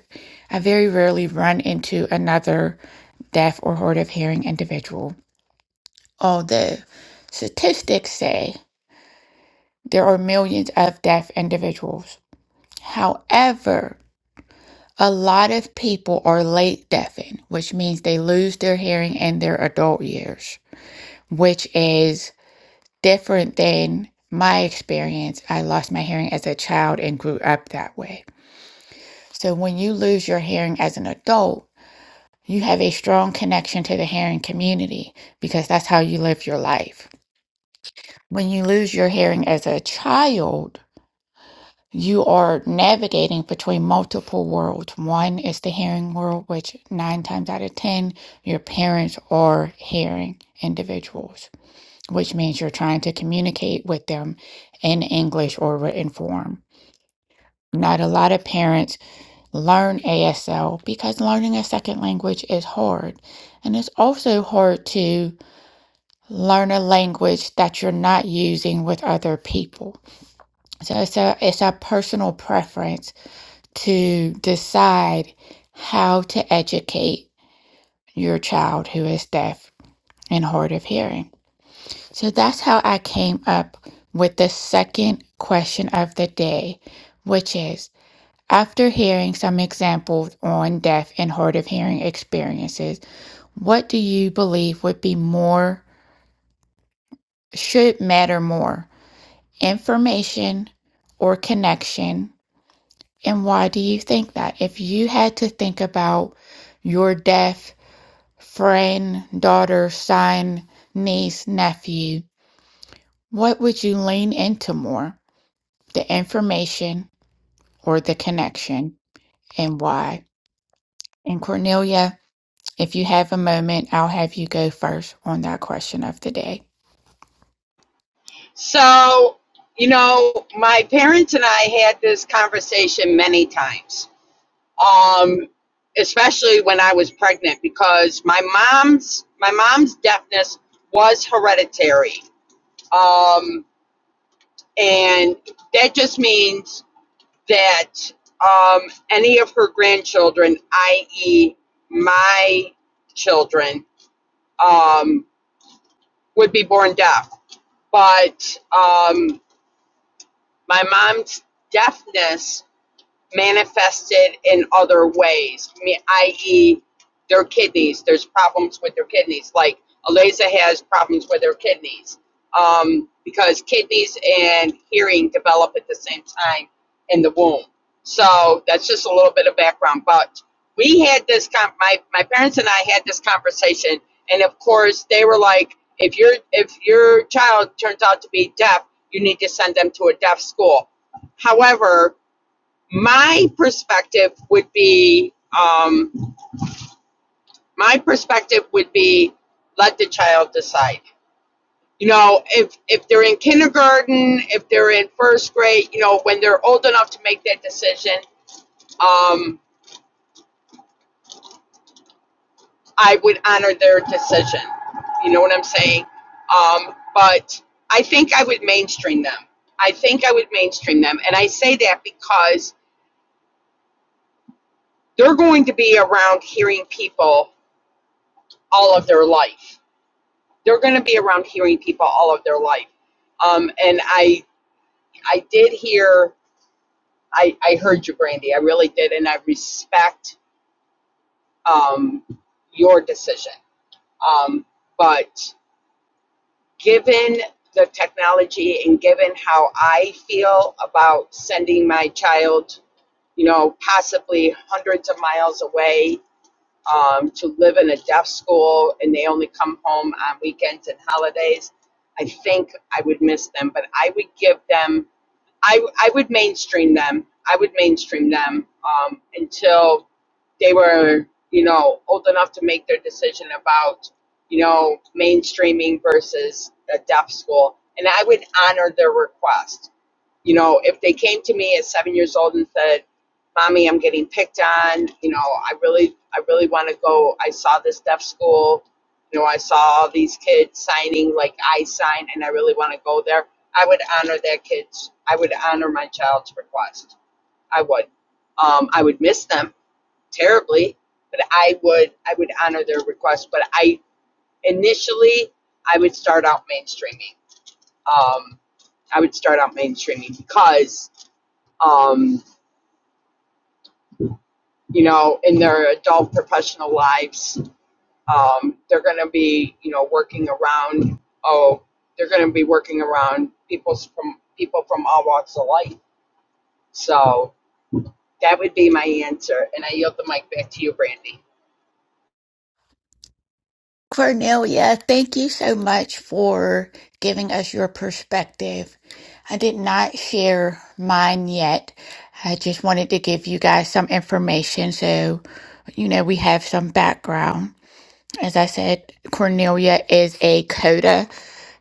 Speaker 1: I very rarely run into another deaf or hard of hearing individual. Although statistics say there are millions of deaf individuals. However, a lot of people are late deafened, which means they lose their hearing in their adult years, which is different than my experience. I lost my hearing as a child and grew up that way. So when you lose your hearing as an adult, you have a strong connection to the hearing community because that's how you live your life. When you lose your hearing as a child, you are navigating between multiple worlds. One is the hearing world, which nine times out of 10, your parents are hearing individuals, which means you're trying to communicate with them in English or written form. Not a lot of parents learn ASL because learning a second language is hard. And it's also hard to learn a language that you're not using with other people. So it's a, it's a personal preference to decide how to educate your child who is deaf and hard of hearing. So that's how I came up with the second question of the day, which is After hearing some examples on deaf and hard of hearing experiences, what do you believe would be more, should matter more? Information or connection? And why do you think that? If you had to think about your deaf friend, daughter, son, niece, nephew, what would you lean into more? The information or the connection? And why? And Cornelia, If you have a moment, I'll have you go first on that question of the day.
Speaker 3: so you know my parents and i had this conversation many times um, especially when I was pregnant, because my mom's my mom's deafness was hereditary, um, and that just means that um, any of her grandchildren, i.e., my children, um, would be born deaf. But um, my mom's deafness manifested in other ways, me- i.e., their kidneys. There's problems with their kidneys. Like Aliza has problems with her kidneys um, because kidneys and hearing develop at the same time in the womb. So that's just a little bit of background. But we had this, com- my, my parents and I had this conversation, and of course, they were like, if your if your child turns out to be deaf, you need to send them to a deaf school. However, my perspective would be um, my perspective would be let the child decide you know if if they're in kindergarten if they're in first grade you know when they're old enough to make that decision um, i would honor their decision you know what i'm saying um, but i think i would mainstream them i think i would mainstream them and i say that because they're going to be around hearing people all of their life they're going to be around hearing people all of their life. Um, and I, I did hear, I, I heard you, Brandy. I really did, and I respect um, your decision. Um, but given the technology and given how I feel about sending my child, you know, possibly hundreds of miles away um, to live in a deaf school and they only come home on weekends and holidays, I think I would miss them. But I would give them I, I would mainstream them. I would mainstream them um, until they were, you know, old enough to make their decision about, you know, mainstreaming versus a deaf school. And I would honor their request. You know, if they came to me at seven years old and said, "Mommy, I'm getting picked on. You know, I really, I really want to go. I saw this deaf school. You know, I saw all these kids signing like I sign, and I really want to go there." I would honor that kid's, I would honor my child's request. I would. Um, I would miss them terribly, but I would, I would honor their request. But I, initially, I would start out mainstreaming. Um, I would start out mainstreaming because, um, you know, in their adult professional lives, um, they're going to be, you know, working around, oh, they're going to be working around people's from people from all walks of life. So, That would be my answer. And I yield the mic back to you, Brandy.
Speaker 1: Cornelia, thank you so much for giving us your perspective. I did not share mine yet. I just wanted to give you guys some information so you know we have some background. As I said, Cornelia is a CODA,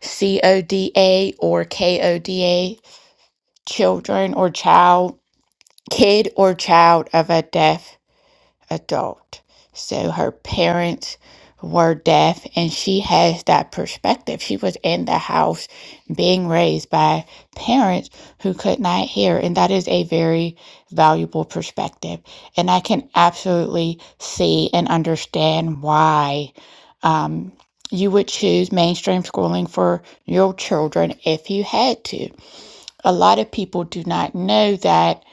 Speaker 1: C O D A or K O D A, children or child, kid or child of a deaf adult. So her parents were deaf, and she has that perspective. She was in the house being raised by parents who could not hear, and that is a very valuable perspective. And I can absolutely see and understand why. Um, you would choose mainstream schooling for your children if you had to. A lot of people do not know that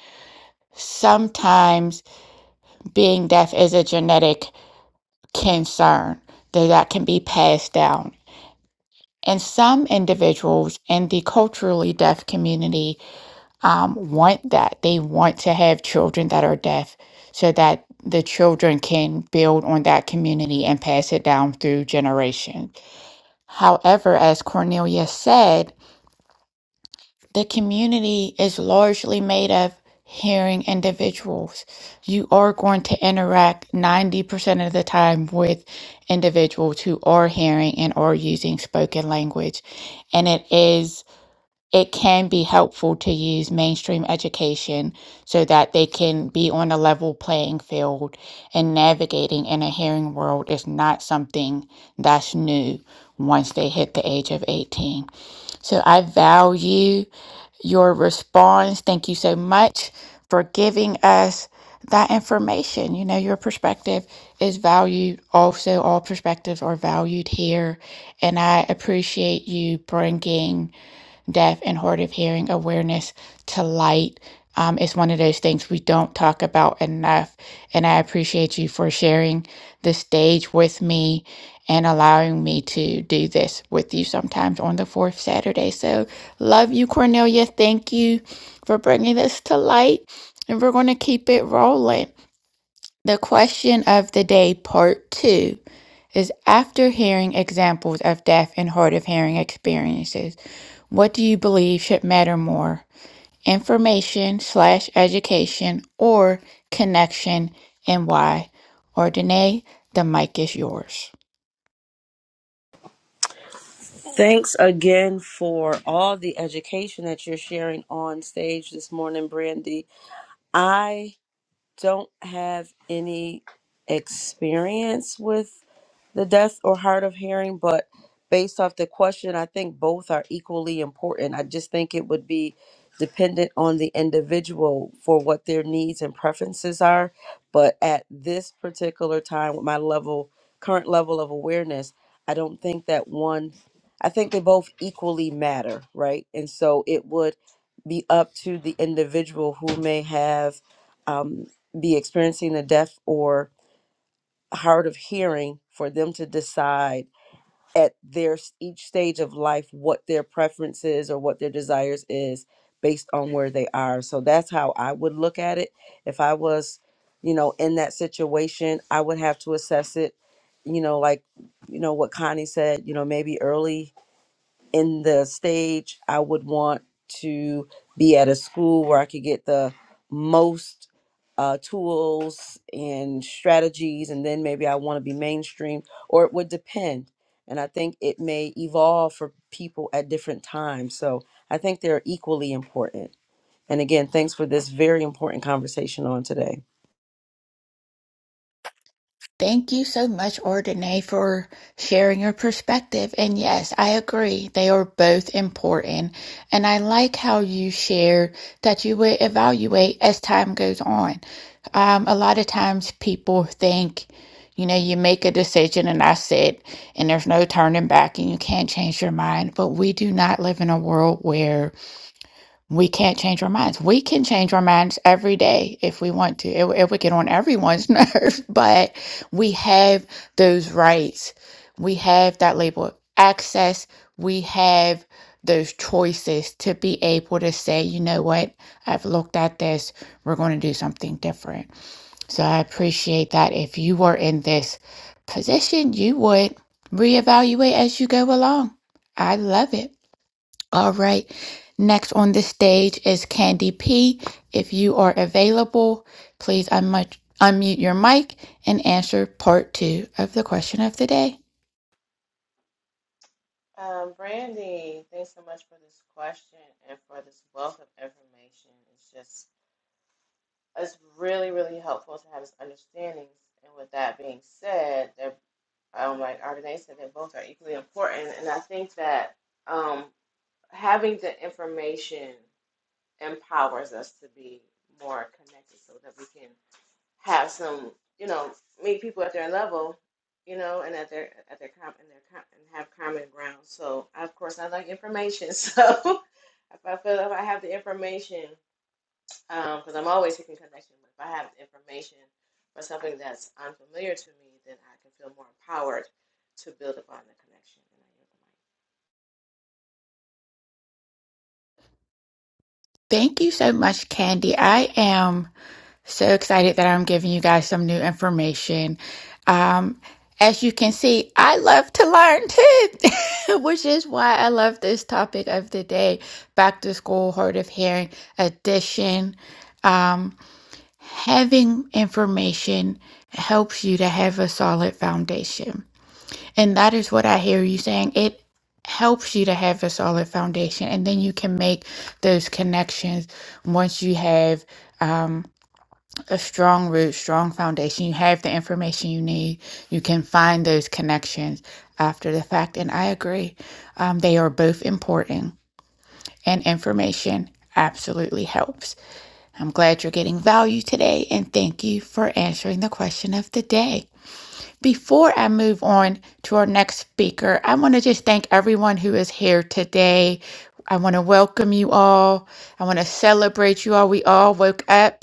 Speaker 1: sometimes being deaf is a genetic concern that, that can be passed down. And some individuals in the culturally deaf community um, want that. They want to have children that are deaf so that the children can build on that community and pass it down through generations. However, as Cornelia said, The community is largely made of hearing individuals. You are going to interact 90% of the time with individuals who are hearing and are using spoken language. And it is, it can be helpful to use mainstream education so that they can be on a level playing field and navigating in a hearing world is not something that's new once they hit the age of 18. So I value your response. Thank you so much for giving us that information. You know, your perspective is valued. Also, all perspectives are valued here. And I appreciate you bringing deaf and hard of hearing awareness to light um, is one of those things we don't talk about enough. And I appreciate you for sharing the stage with me and allowing me to do this with you sometimes on the fourth Saturday. So, love you, Cornelia. Thank you for bringing this to light. And we're going to keep it rolling. The question of the day, part two is after hearing examples of deaf and hard of hearing experiences, what do you believe should matter more? Information slash education or connection and why? Or Danae, the mic is yours.
Speaker 4: Thanks again for all the education that you're sharing on stage this morning, Brandy. I don't have any experience with the deaf or hard of hearing, but based off the question, I think both are equally important. I just think it would be dependent on the individual for what their needs and preferences are. But at this particular time, with my level, current level of awareness, I don't think that one, I think they both equally matter, right? And so it would be up to the individual who may have um, be experiencing the deaf or hard of hearing for them to decide at their s- each stage of life what their preference is or what their desires is based on where they are so that's how i would look at it if i was you know in that situation i would have to assess it you know like you know what connie said you know maybe early in the stage, I would want to be at a school where I could get the most uh, tools and strategies, and then maybe I want to be mainstream, or it would depend. And I think it may evolve for people at different times. So I think they're equally important. And again, thanks for this very important conversation on today.
Speaker 1: Thank you so much, Ordine, for sharing your perspective. And yes, I agree. They are both important. And I like how you shared that you would evaluate as time goes on. Um, a lot of times people think, you know, you make a decision and that's it, and there's no turning back and you can't change your mind. But we do not live in a world where we can't change our minds. We can change our minds every day if we want to. If w- it get on everyone's nerves, but we have those rights. We have that label of access. We have those choices to be able to say, you know what, I've looked at this. We're going to do something different. So I appreciate that. If you were in this position, you would reevaluate as you go along. I love it. All right. Next on the stage is Candy P. If you are available, please unmute, unmute your mic and answer part two of the question of the day.
Speaker 2: Um, Brandy, thanks so much for this question and for this wealth of information. It's just it's really, really helpful to have this understanding. And with that being said, there um, like Ardenae said, they both are equally important. And I think that um, having the information empowers us to be more connected so that we can have some, you know, meet people at their level, you know, and at their, at their, com- and their, com- and have common ground. So, of course, I like information. So if I feel if I have the information, because I'm always seeking connection. But if I have information or something that's unfamiliar to me, then I can feel more empowered to build upon the connection. And I
Speaker 1: Thank you so much, Candy. I am so excited that I'm giving you guys some new information. Um, as you can see, I love to learn too, which is why I love this topic of the day back to school, hard of hearing edition. Um, having information helps you to have a solid foundation. And that is what I hear you saying. It helps you to have a solid foundation. And then you can make those connections once you have um, a strong root, strong foundation. You have the information you need. You can find those connections after the fact. And I agree, um, they are both important. And information absolutely helps. I'm glad you're getting value today and thank you for answering the question of the day. Before I move on to our next speaker, I want to just thank everyone who is here today. I want to welcome you all. I want to celebrate you all. We all woke up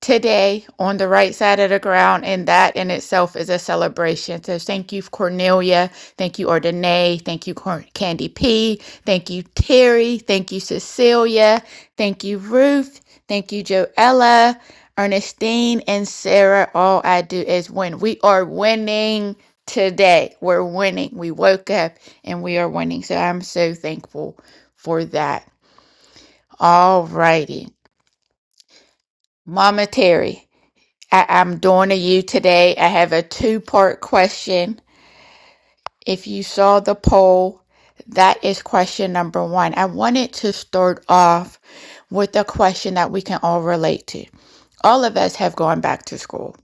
Speaker 1: today on the right side of the ground, and that in itself is a celebration. So thank you, Cornelia. Thank you, Ordine. Thank you, Cor- Candy P. Thank you, Terry. Thank you, Cecilia. Thank you, Ruth. Thank you, Joella, Ernestine, and Sarah. All I do is win. We are winning today. We're winning. We woke up and we are winning. So I'm so thankful for that. All righty. Mama Terry. I, I'm doing to you today. I have a two part question. If you saw the poll, that is question number one. I wanted to start off with a question that we can all relate to. All of us have gone back to school.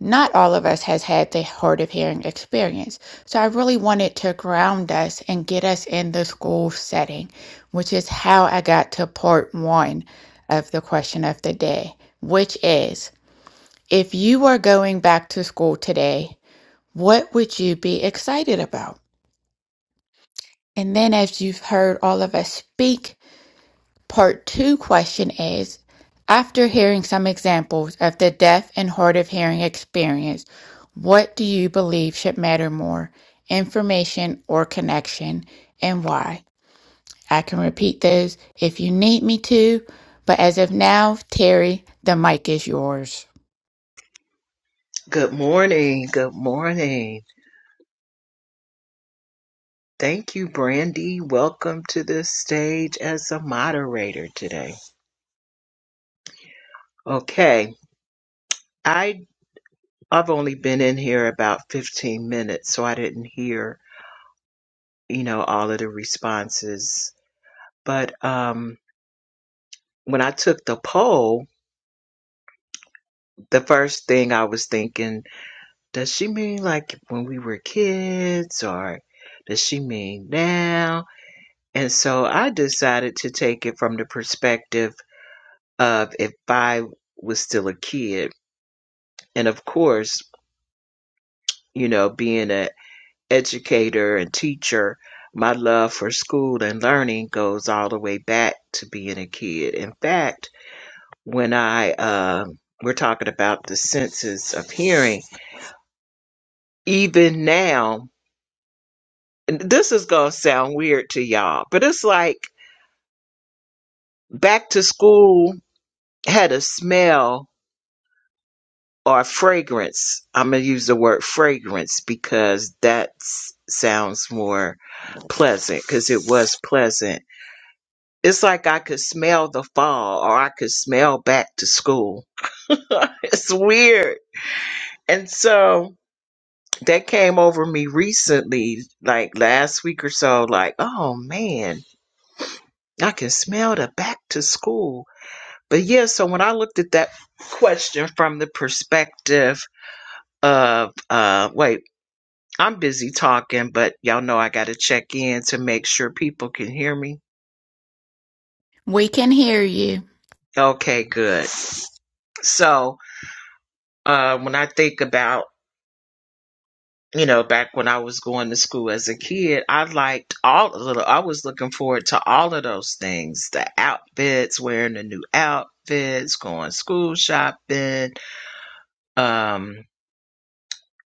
Speaker 1: Not all of us has had the hard of hearing experience. So I really wanted to ground us and get us in the school setting, which is how I got to part one of the question of the day, which is if you were going back to school today, what would you be excited about? And then, as you've heard all of us speak, part two question is after hearing some examples of the deaf and hard of hearing experience, what do you believe should matter more, information or connection, and why? I can repeat those if you need me to, but as of now, Terry, the mic is yours.
Speaker 5: Good morning. Good morning. Thank you, Brandy. Welcome to the stage as a moderator today. Okay. I I've only been in here about 15 minutes, so I didn't hear, you know, all of the responses. But um when I took the poll, the first thing I was thinking, does she mean like when we were kids or does she mean now? And so I decided to take it from the perspective of if I was still a kid. And of course, you know, being an educator and teacher, my love for school and learning goes all the way back to being a kid. In fact, when I, um we're talking about the senses of hearing, even now, and this is going to sound weird to y'all, but it's like back to school had a smell or fragrance. I'm going to use the word fragrance because that s- sounds more pleasant because it was pleasant. It's like I could smell the fall or I could smell back to school. it's weird. And so that came over me recently, like last week or so, like, oh man, I can smell the back to school. But yeah, so when I looked at that question from the perspective of, uh, wait, I'm busy talking, but y'all know I got to check in to make sure people can hear me.
Speaker 1: We can hear you.
Speaker 5: Okay, good. So, uh, when I think about, you know, back when I was going to school as a kid, I liked all the little, I was looking forward to all of those things the outfits, wearing the new outfits, going school shopping, um,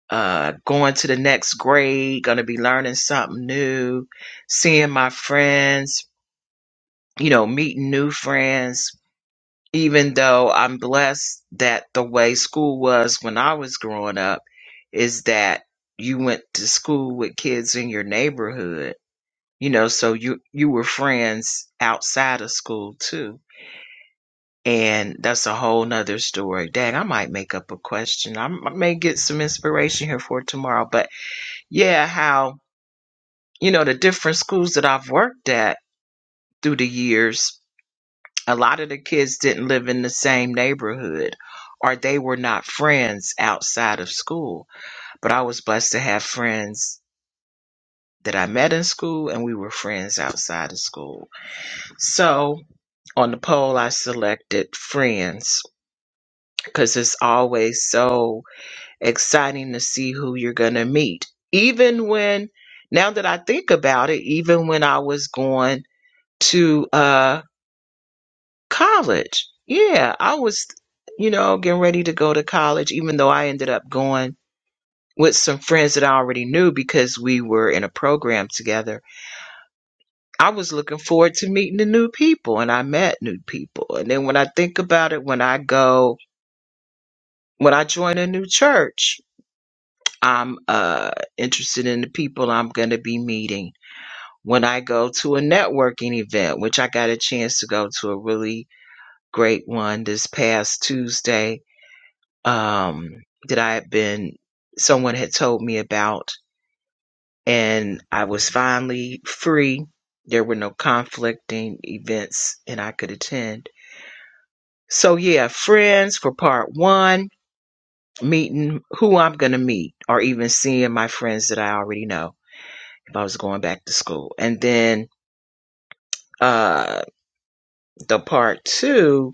Speaker 5: uh, going to the next grade, going to be learning something new, seeing my friends, you know, meeting new friends even though I'm blessed that the way school was when I was growing up is that you went to school with kids in your neighborhood, you know, so you you were friends outside of school too. And that's a whole nother story. Dang, I might make up a question. I m- I may get some inspiration here for tomorrow. But yeah, how, you know, the different schools that I've worked at through the years a lot of the kids didn't live in the same neighborhood or they were not friends outside of school. But I was blessed to have friends that I met in school and we were friends outside of school. So on the poll, I selected friends because it's always so exciting to see who you're going to meet. Even when, now that I think about it, even when I was going to, uh, college. Yeah, I was, you know, getting ready to go to college, even though I ended up going with some friends that I already knew because we were in a program together. I was looking forward to meeting the new people and I met new people. And then when I think about it, when I go, when I join a new church, I'm uh, interested in the people I'm going to be meeting. When I go to a networking event, which I got a chance to go to a really great one this past Tuesday, um, that I had been, someone had told me about, and I was finally free. There were no conflicting events, and I could attend. So, yeah, friends for part one, meeting who I'm going to meet, or even seeing my friends that I already know if I was going back to school. And then uh, the part two,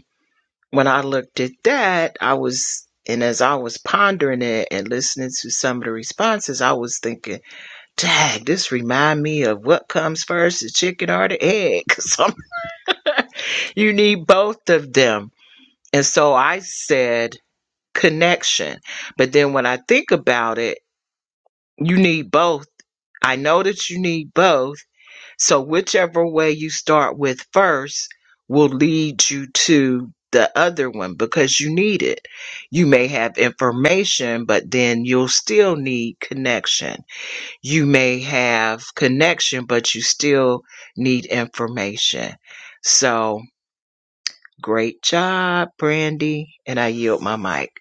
Speaker 5: when I looked at that, I was. And as I was pondering it and listening to some of the responses, I was thinking, Dag, this remind me of what comes first, the chicken or the egg? 'Cause you need both of them. And so I said connection. But then when I think about it, you need both. I know that you need both. So whichever way you start with first will lead you to the other one because you need it. You may have information, but then you'll still need connection you may have connection, but you still need information. So great job, Brandy. And I yield my mic.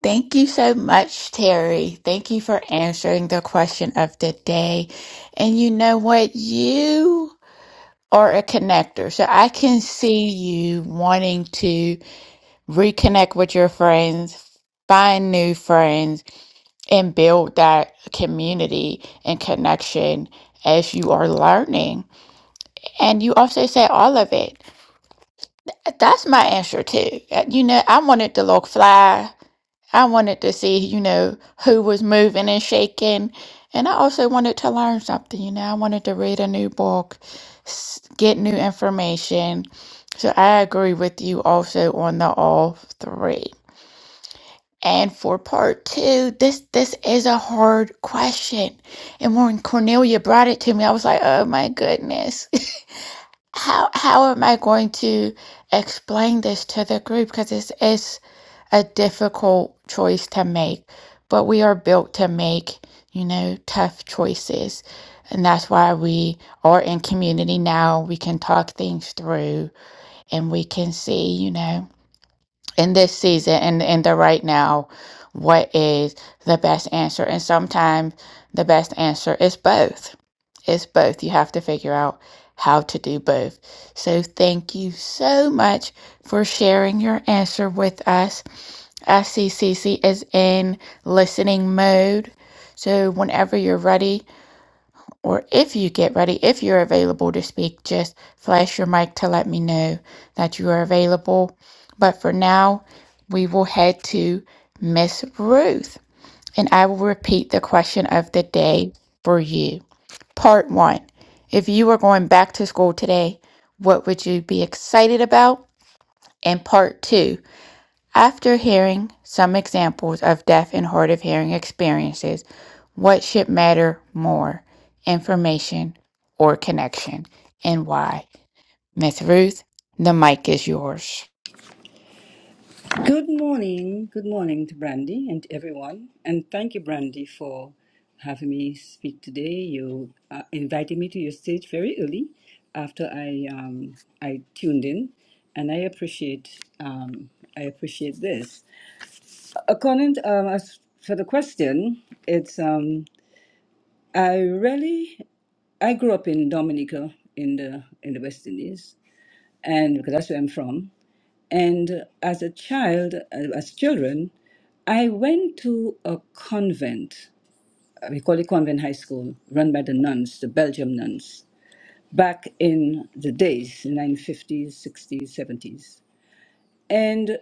Speaker 1: Thank you so much, Terry. Thank you for answering the question of the day. And you know what? You are a connector. So I can see you wanting to reconnect with your friends, find new friends, and build that community and connection as you are learning. And you also say all of it. That's my answer too. Uh, You know, I wanted to look fly. I wanted to see, you know, who was moving and shaking. And I also wanted to learn something, you know, I wanted to read a new book, s- get new information. So I agree with you also on the all three. And for part two, this this is a hard question. And when Cornelia brought it to me, I was like, oh my goodness. How how am I going to explain this to the group? Because it's, is a difficult choice to make, but we are built to make, you know, tough choices. And that's why we are in community now. We can talk things through and we can see, you know, in this season and in the right now, what is the best answer. And sometimes the best answer is both. It's both. You have to figure out how to do both. So thank you so much for sharing your answer with us. SCCC is in listening mode. So whenever you're ready, or if you get ready, if you're available to speak, just flash your mic to let me know that you are available. But for now, we will head to Miss Ruth. And I will repeat the question of the day for you. Part one If you were going back to school today, what would you be excited about? And part two after hearing some examples of deaf and hard of hearing experiences, what should matter more, information or connection, and why? Miss Ruth, the mic is yours.
Speaker 6: Good morning. Good morning to Brandy and everyone. And thank you, Brandy, for having me speak today. You uh, invited me to your stage very early after I um, I tuned in, and I appreciate um, I appreciate this. According to, um, as for the question, it's um, I really I grew up in Dominica in the in the West Indies, and because that's where I'm from. And as a child, uh, as children, I went to a convent. uh, We call it convent high school, run by the nuns, the Belgium nuns, back in the days, the 1950s, 60s, 70s. And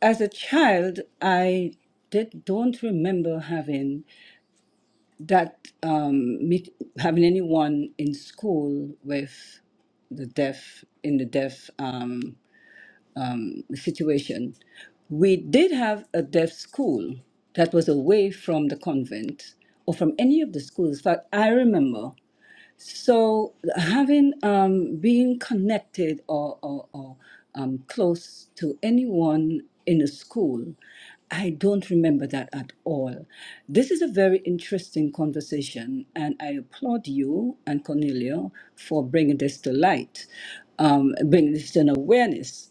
Speaker 6: as a child, I did, don't remember having that um, meet, having anyone in school with the deaf in the deaf um, situation, we did have a deaf school that was away from the convent or from any of the schools. In fact, I remember so having um, being connected or, or, or um, close to anyone in a school, I don't remember that at all. This is a very interesting conversation, and I applaud you and Cornelia for bringing this to light, um, bringing this to an awareness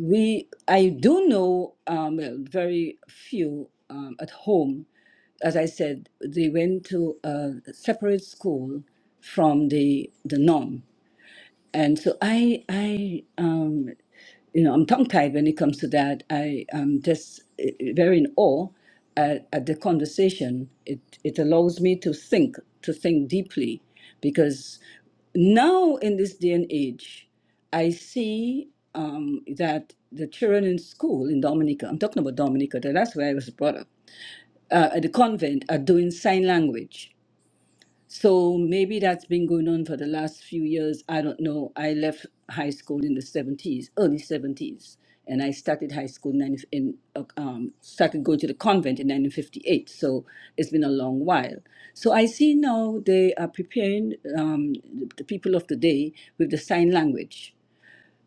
Speaker 6: we I do know um, well, very few um, at home. As I said, they went to a separate school from the the norm. And so I, I, um, you know, I'm tongue-tied when it comes to that. I am just eh, eh, very in awe at, at the conversation. It it allows me to think, to think deeply, because now in this day and age, I see um, that the children in school in Dominica, I'm talking about Dominica, that- that's where I was brought up, uh, at the convent, are doing sign language. So maybe that's been going on for the last few years. I don't know. I left high school in the 70s, early 70s, and I started high school in, 90 in uh, um, started going to the convent in 1958. So it's been a long while. So I see now they are preparing um, the the people of the day with the sign language.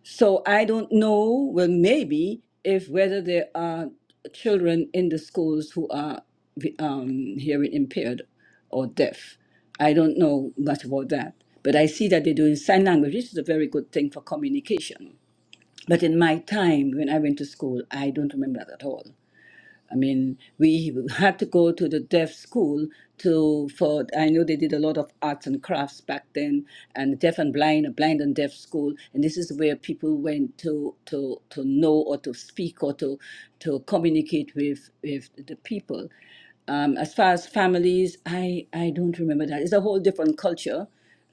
Speaker 6: So I don't know, well, maybe if whether there are children in the schools who are um, hearing impaired or deaf. I don't know much about that. But I see that they're doing sign language, which is a very good thing for communication. But in my time, when I went to school, I don't remember that at all. I mean, we had to go to the deaf school to for I know they did a lot of arts and crafts back then, and deaf and blind, blind and deaf school, and this is where people went to to to know or to speak or to to communicate with with the people. Um, as far as families, I I don't remember that. It's a whole different culture,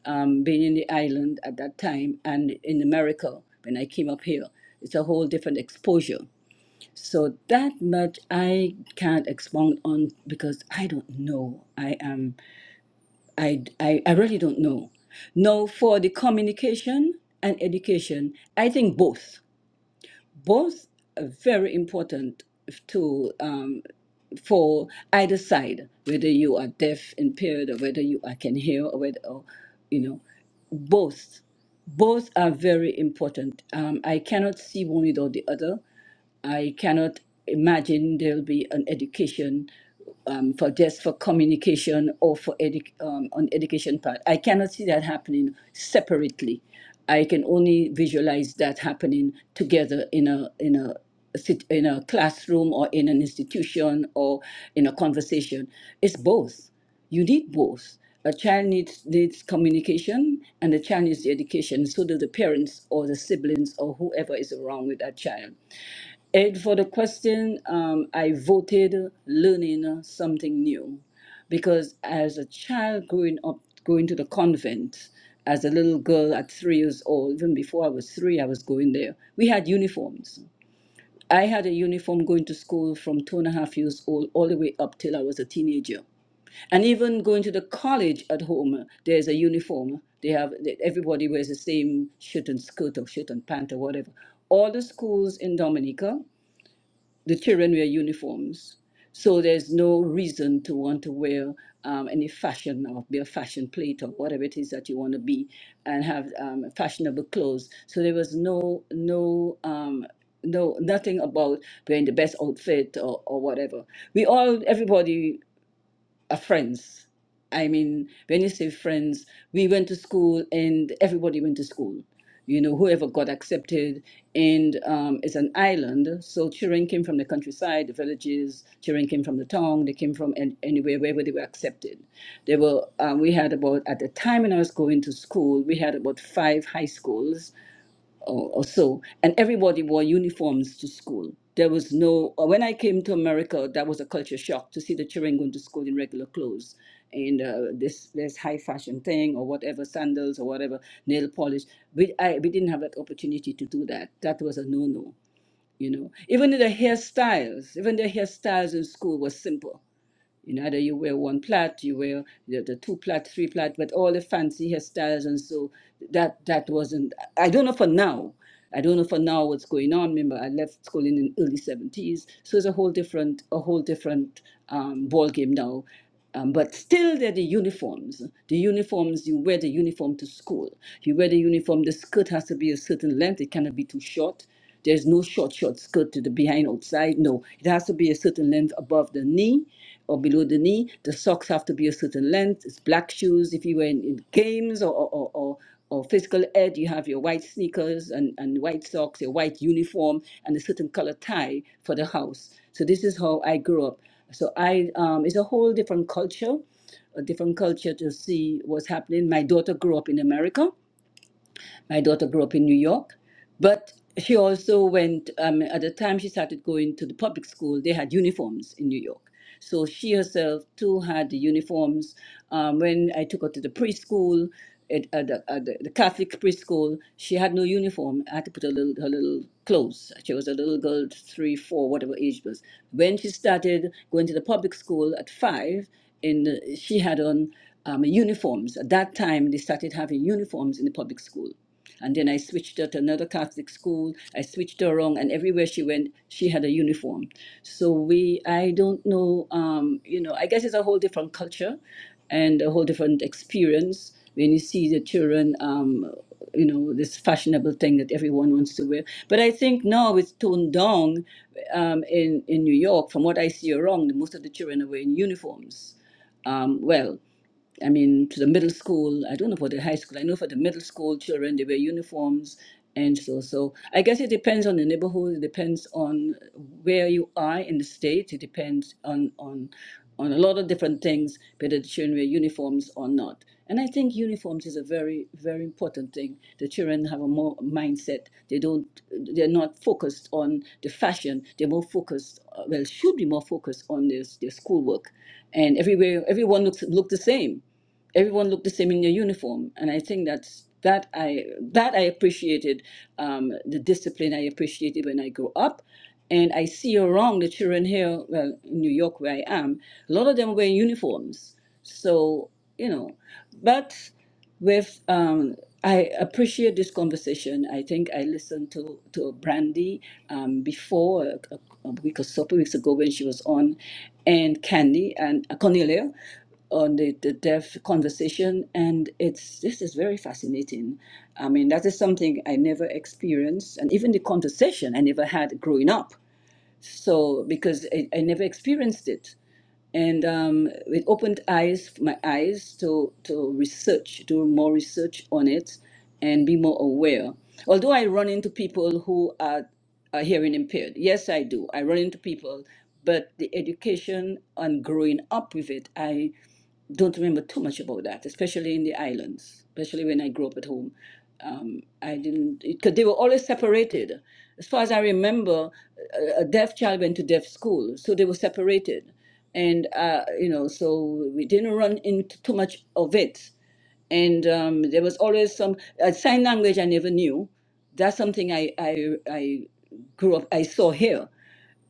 Speaker 6: um, being in the island at that time and in America when I came up here. It's a whole different exposure so that much I can't expound on because I don't know. I am I I, I really don't know. Now for the communication and education, I think both both are very important to um, for either side, whether you are deaf, impaired, or whether you are can hear, or whether or, you know, both both are very important. Um, I cannot see one without the other. I cannot imagine there'll be an education um, for just for communication or for edu- um, on education part. I cannot see that happening separately. I can only visualize that happening together in a in a sit- in a classroom or in an institution or in a conversation. It's both. You need both. A child needs needs communication, and the child needs the education. So do the parents or the siblings or whoever is around with that child. And for the question, um, I voted learning something new because as a child growing up, going to the convent, as a little girl at three years old, even before I was three, I was going there. We had uniforms. I had a uniform going to school from two and a half years old all the way up till I was a teenager. And even going to the college at home, there's a uniform. They have everybody wears the same shirt and skirt or shirt and pant or whatever. All the schools in Dominica the children wear uniforms, so there's no reason to want to wear um, any fashion or be a fashion plate or whatever it is that you want to be, and have um, fashionable clothes. So there was no no um, no nothing about wearing the best outfit or, or whatever. We all everybody are friends. I mean, when you say friends, we went to school and everybody went to school. You know, whoever got accepted, and um, it's an island. So children came from the countryside, the villages. Children came from the town. They came from an- anywhere, wherever they were accepted. There were um, we had about at the time when I was going to school, we had about five high schools or, or so, and everybody wore uniforms to school. There was no, uh, when I came to America, that was a culture shock to see the children going to school in regular clothes and uh, this this high fashion thing or whatever, sandals or whatever, nail polish. We, I, we didn't have that opportunity to do that. That was a no no, you know. Even the hairstyles, even the hairstyles in school was simple you know, either you wear one plait, you wear the, the two plait, three plait, but all the fancy hairstyles, and so that that wasn't. I don't know for now. I don't know for now what's going on. Remember, I left school in the early seventies, so it's a whole different a whole different um, ball game now. Um, but still, they're the uniforms. The uniforms, you wear the uniform to school. You wear the uniform, the skirt has to be a certain length. It cannot be too short. There's no short, short skirt to the behind outside. No, it has to be a certain length above the knee or below the knee. The socks have to be a certain length. It's black shoes if you were in, in games or, or, or, or physical ed, you have your white sneakers and, and white socks, your white uniform, and a certain color tie for the house. So this is how I grew up. So I um, it's a whole different culture, a different culture to see what's happening. My daughter grew up in America my daughter grew up in New York, but she also went, um, at the time she started going to the public school, they had uniforms in New York. So she herself too had the uniforms. Um, when I took her to the preschool, at, at, the, at the the Catholic preschool, she had no uniform. I had to put her little, her little clothes. She was a little girl, three, four, whatever age it was. When she started going to the public school at five, and uh, she had on um, uniforms. At that time, they started having uniforms in the public school. And then I switched her to another Catholic school. I switched her around, and everywhere she went, she had a uniform. So we, I don't know, um, you know, I guess it's a whole different culture and a whole different experience when you see the children, um, you know, this fashionable thing that everyone wants to wear. But I think now it's toned down um, in, in New York. From what I see around, most of the children are wearing uniforms um, well. I mean, to the middle school. I don't know for the high school. I know for the middle school children, they wear uniforms and so so. I guess it depends on the neighborhood. It depends on where you are in the state. It depends on on on a lot of different things, whether the children wear uniforms or not. And I think uniforms is a very very important thing. The children have a more mindset. They don't. They're not focused on the fashion. They're more focused. uh, Well, should be more focused on their their schoolwork. And everywhere, everyone looks look the same everyone looked the same in their uniform and i think that's that i that i appreciated um, the discipline i appreciated when i go up and i see around the children here well in new york where i am a lot of them wear uniforms so you know but with um, I appreciate this conversation. I think I listened to to Brandy um, before a, a, a week or so, two weeks ago when she was on, and Candy and uh, Cornelia on the, the deaf conversation and it's this is very fascinating i mean that is something i never experienced and even the conversation i never had growing up so because I, I never experienced it, and um, it opened eyes my eyes to to research, do more research on it, and be more aware. Although I run into people who are, are hearing impaired, yes, I do. I run into people, but the education and growing up with it, I don't remember too much about that, especially in the islands, especially when I grew up at home. Um, I didn't, because they were always separated. As far as I remember, a a deaf child went to deaf school, so they were separated. And, uh, you know, so we didn't run into too much of it. And um, there was always some uh, sign language I never knew. That's something I, I, I grew up, I saw here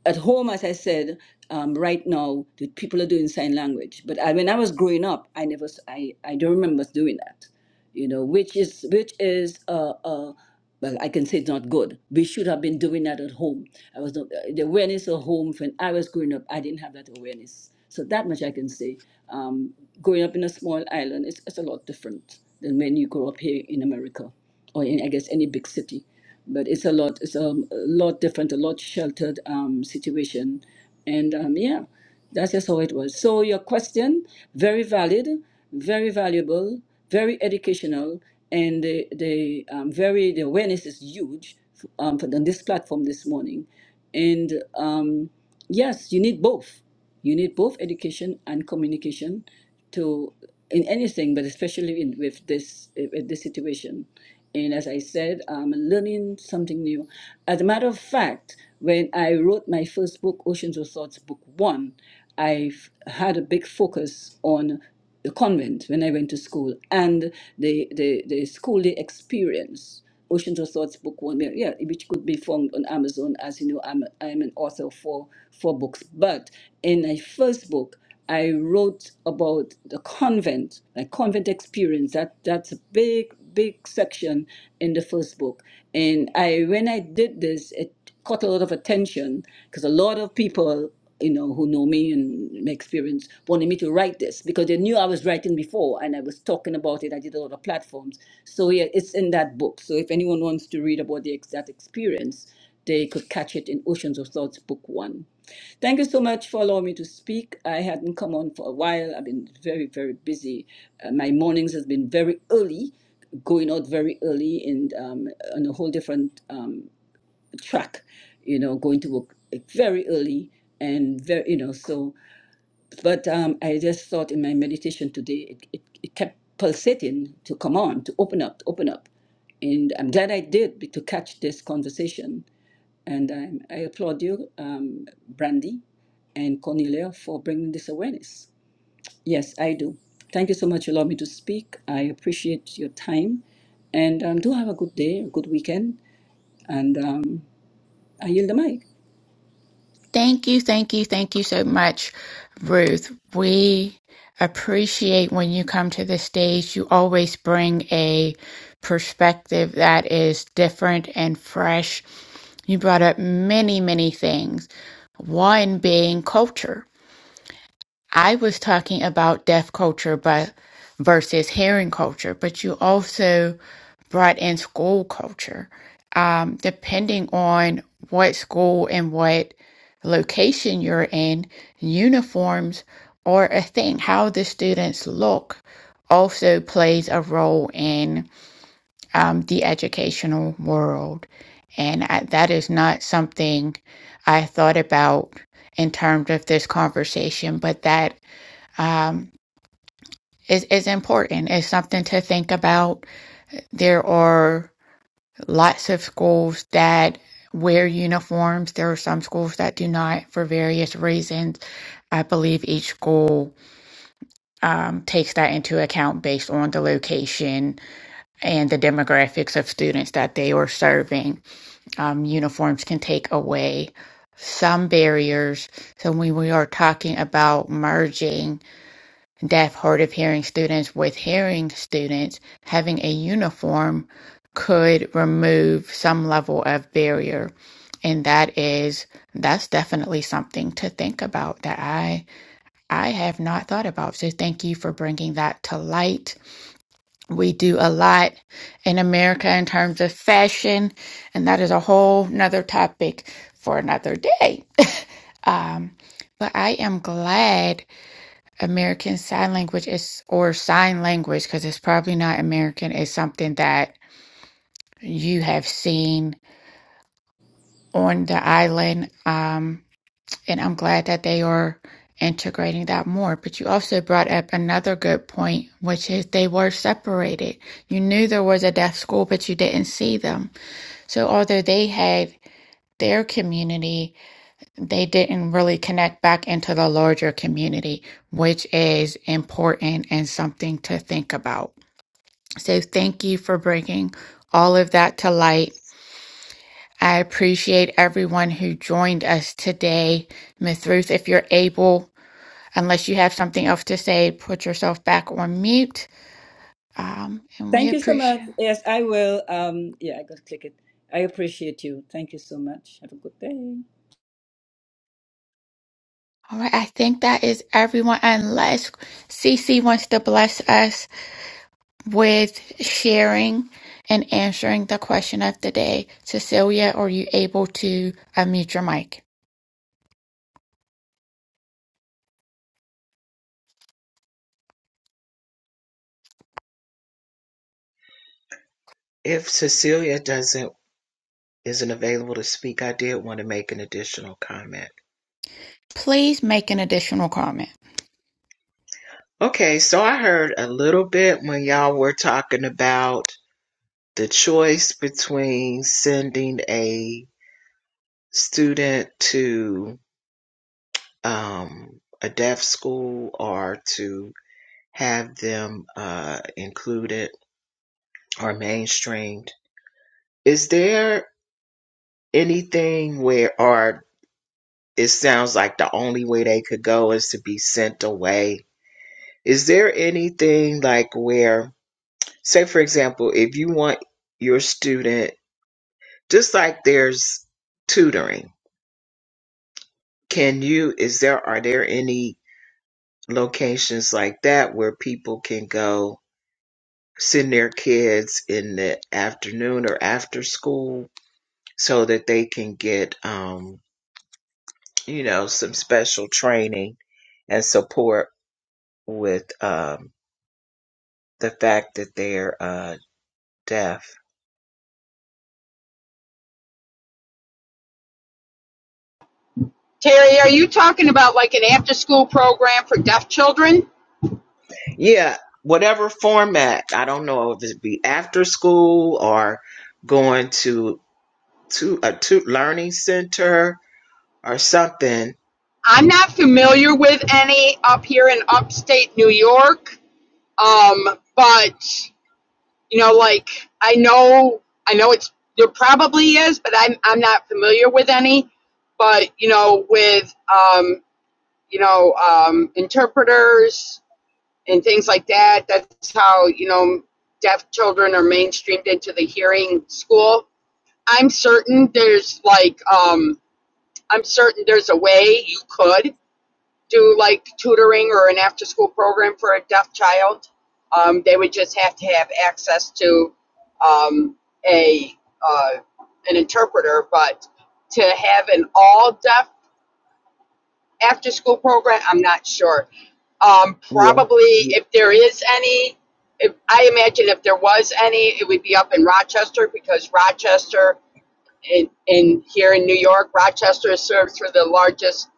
Speaker 6: at home, as I said, um, right now, the people are doing sign language. But I, when I was growing up, I never, s- I, I don't remember us doing that. You know, which is which is uh, uh, well, I can say it's not good. We should have been doing that at home. I was not, uh, the awareness at home when I was growing up. I didn't have that awareness, so that much I can say. Um, growing up in a small island, it's, it's a lot different than when you grow up here in America or in, I guess, any big city but it's a lot it's um, a lot different a lot sheltered um, situation and um, yeah that's just how it was so your question very valid very valuable very educational and the, the um, very the awareness is huge um, for, on this platform this morning and um, yes you need both you need both education and communication to in anything, but especially in, with this eh, with this situation. And as I said, I'm learning something new. As a matter of fact, when I wrote my first book, Oceans of Thoughts, Book One, I f- had a big focus on a convent when I went to school, and the the, the school day experience. Oceans of Thoughts book one, yeah, yeah, which could be found on Amazon. As you know, I'm I'm an author for for books. But in my first book, I wrote about the convent, my convent experience. That that's a big big section in the first book. And I when I did this, it caught a lot of attention because a lot of people you know, who know me and my experience, wanted me to write this because they knew I was writing before and I was talking about it. I did a lot of platforms. So yeah, it's in that book. So if anyone wants to read about the, ex- that experience, they could catch it in Oceans of Thoughts, book one. Thank you so much for allowing me to speak. I hadn't come on for a while. I've been very, very busy. Uh, my mornings has been very early, going out very early and um, on a whole different um track, you know, going to work like, very early and very, you know, so, but um, I just thought in my meditation today, it, it, it kept pulsating to come on, to open up, to open up. And I'm glad I did be- to catch this conversation. And um, I applaud you, um, Brandy and Cornelia, for bringing this awareness. Yes, I do. Thank you so much for allowing me to speak. I appreciate your time. And um, do have a good day, a good weekend. And um, I yield the mic.
Speaker 1: Thank you, thank you, thank you so much, Ruth. We appreciate when you come to the stage. You always bring a perspective that is different and fresh. You brought up many, many things, one being culture I was talking about deaf culture but versus hearing culture, but you also brought in school culture. Um, depending on what school and what location you're in, uniforms are a thing. How the students look also plays a role in um, the educational world. And I, that is not something I thought about in terms of this conversation, but that um, is, is important. It's something to think about. There are lots of schools that wear uniforms. There are some schools that do not for various reasons. I believe each school um, takes that into account based on the location and the demographics of students that they are serving. Um, uniforms can take away some barriers. So when we are talking about merging, Deaf, hard of hearing students with hearing students having a uniform could remove some level of barrier. And that is that's definitely something to think about that I I have not thought about. So thank you for bringing that to light. We do a lot in America in terms of fashion, and that is a whole nother topic for another day. um, but I am glad American Sign Language is or sign language because it's probably not American is something that you have seen on the island. Um, and I'm glad that they are integrating that more. But you also brought up another good point, which is they were separated. You knew there was a deaf school, but you didn't see them. So although they had their community, they didn't really connect back into the larger community, which is important and something to think about. So thank you for bringing all of that to light. I appreciate everyone who joined us today. Miss Ruth, if you're able, unless you have something else to say, put yourself back on mute. Um, and we
Speaker 6: Thank you so much.
Speaker 1: appreciate.
Speaker 6: Yes, I will. Um, yeah, I gotta click it. I appreciate you. Thank you so much. Have a good day.
Speaker 1: All right, I think that is everyone. Unless CC wants to bless us with sharing and answering the question of the day, Cecilia, are you able to unmute your mic?
Speaker 5: If Cecilia doesn't isn't available to speak, I did want to make an additional comment.
Speaker 1: Please make an additional comment.
Speaker 5: Okay, so I heard a little bit when y'all were talking about the choice between sending a student to um, a deaf school or to have them uh, included or mainstreamed. Is there anything where, or it sounds like the only way they could go is to be sent away? Is there anything like where, say, for example, if you want your student, just like there's tutoring, can you, is there, are there any locations like that where people can go send their kids in the afternoon or after school so that they can get, um, you know, some special training and support with um, the fact that they're uh, deaf.
Speaker 3: Terry, are you talking about like an after school program for deaf children?
Speaker 5: Yeah, whatever format. I don't know if it be after school or going to to a to learning center or something.
Speaker 3: I'm not familiar with any up here in upstate New York. Um, but you know, like I know I know it's there probably is, but I'm I'm not familiar with any. But you know, with um, you know, um, interpreters, and things like that. That's how, you know, deaf children are mainstreamed into the hearing school. I'm certain there's like, um, I'm certain there's a way you could do like tutoring or an after school program for a deaf child. Um, they would just have to have access to um, a uh, an interpreter, but to have an all deaf after school program, I'm not sure. Um, probably
Speaker 5: Yeah.
Speaker 3: if there is any, if, I imagine if there was any, it would be up in Rochester because Rochester in, in here in New York, Rochester is served through the largest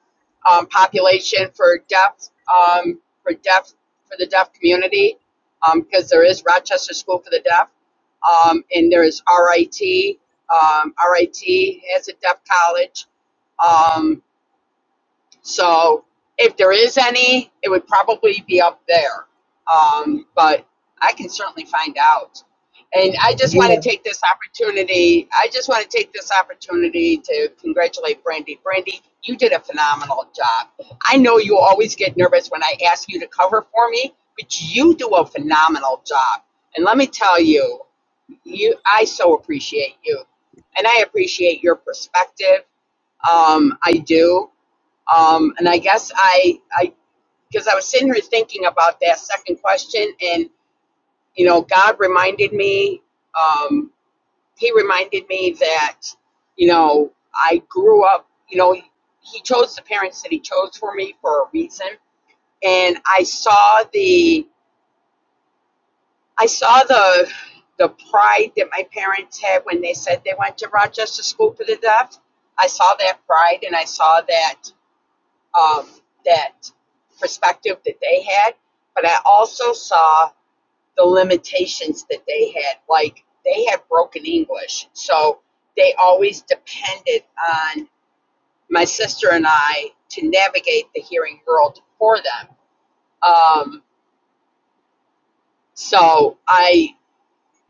Speaker 3: um, population for deaf um, for deaf for the deaf community um, because um, there is Rochester School for the Deaf um, and there is RIT. Um, RIT has a deaf college. Um, so if there is any, it would probably be up there. Um, but I can certainly find out. And I just want to take this opportunity. I just want to take this opportunity to congratulate Brandy. Brandy, you did a phenomenal job. I know you always get nervous when I ask you to cover for me, but you do a phenomenal job. And let me tell you, you I so appreciate you, and I appreciate your perspective. Um, I do um, and I guess I, I, because I was sitting here thinking about that second question, and you know, God reminded me, um, He reminded me that, you know, I grew up, you know, He chose the parents that He chose for me for a reason, and I saw the, I saw the, the pride that my parents had when they said they went to Rochester School for the Deaf. I saw that pride, and I saw that um, that perspective that they had, but I also saw the limitations that they had. Like they had broken English, so they always depended on my sister and I to navigate the hearing world for them. Um, so I,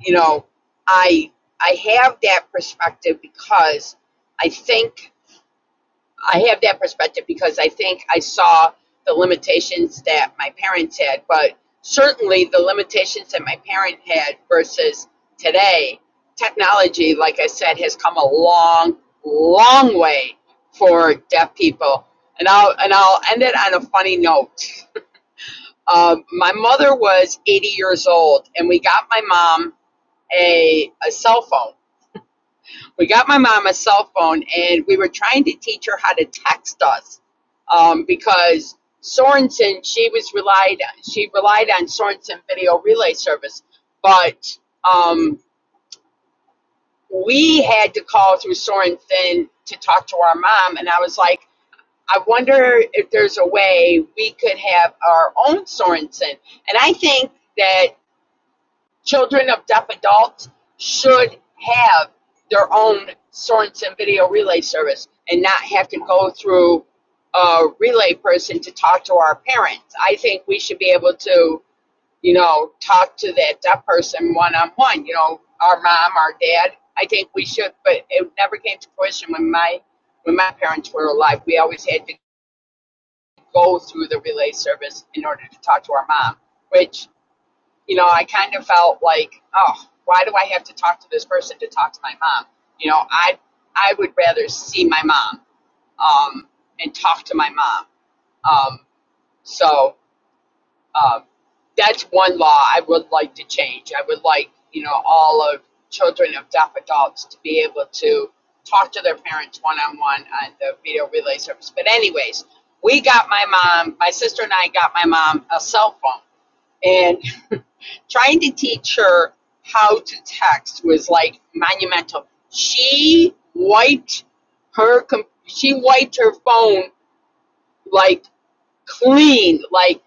Speaker 3: you know, I I have that perspective because I think I have that perspective because I think I saw the limitations that my parents had, but certainly the limitations that my parent had versus today. Technology, like I said, has come a long, long way for deaf people. And I'll and I'll end it on a funny note. Um, my mother was 80 years old, and we got my mom a a cell phone we got my mom a cell phone and we were trying to teach her how to text us um, because Sorenson she was relied she relied on Sorenson video relay service but um, we had to call through Sorenson to talk to our mom and I was like I wonder if there's a way we could have our own Sorenson. and I think that Children of deaf adults should have their own Sorenson video relay service and not have to go through a relay person to talk to our parents. I think we should be able to, you know, talk to that deaf person one on one, you know, our mom, our dad. I think we should, but it never came to fruition when my when my parents were alive. We always had to go through the relay service in order to talk to our mom, which you know, I kind of felt like, oh, why do I have to talk to this person to talk to my mom? You know, I I would rather see my mom um, and talk to my mom. Um, so um, that's one law I would like to change. I would like you know all of children of deaf adults to be able to talk to their parents one on one on the video relay service. But anyways, we got my mom, my sister and I got my mom a cell phone and. trying to teach her how to text was like monumental. She wiped her com- she wiped her phone like clean, like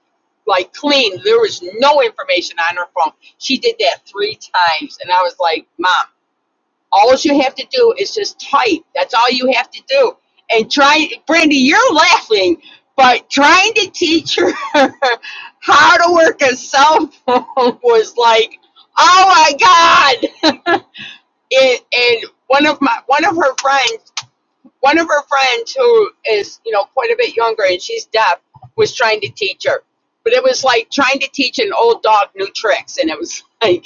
Speaker 3: like clean. There was no information on her phone. She did that three times, and I was like, "Mom, all you have to do is just type. That's all you have to do. And try, Brandy, you're laughing, but trying to teach her how to work a cell phone was like, oh my god! and, and one of my one of her friends one of her friends who is you know quite a bit younger and she's deaf was trying to teach her but it was like trying to teach an old dog new tricks and it was like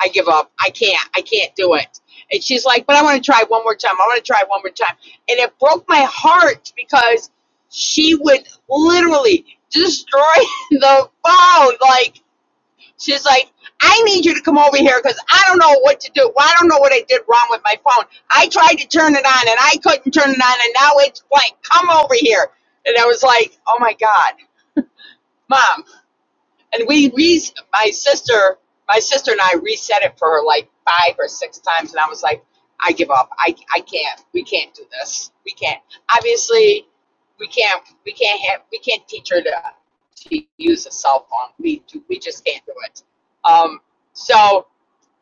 Speaker 3: i give up i can't i can't do it and she's like but i want to try one more time i want to try one more time and it broke my heart because she would literally destroy the phone like She's like, I need you to come over here because I don't know what to do. Well, I don't know what I did wrong with my phone. I tried to turn it on and I couldn't turn it on and now it's blank. Come over here. And I was like, oh my God, mom and we re my sister my sister and I reset it for her like five or six times and I was like I give up I I can't we can't do this we can't obviously we can't we can't have we can't teach her to to use a cell phone we do, we just can't do it um so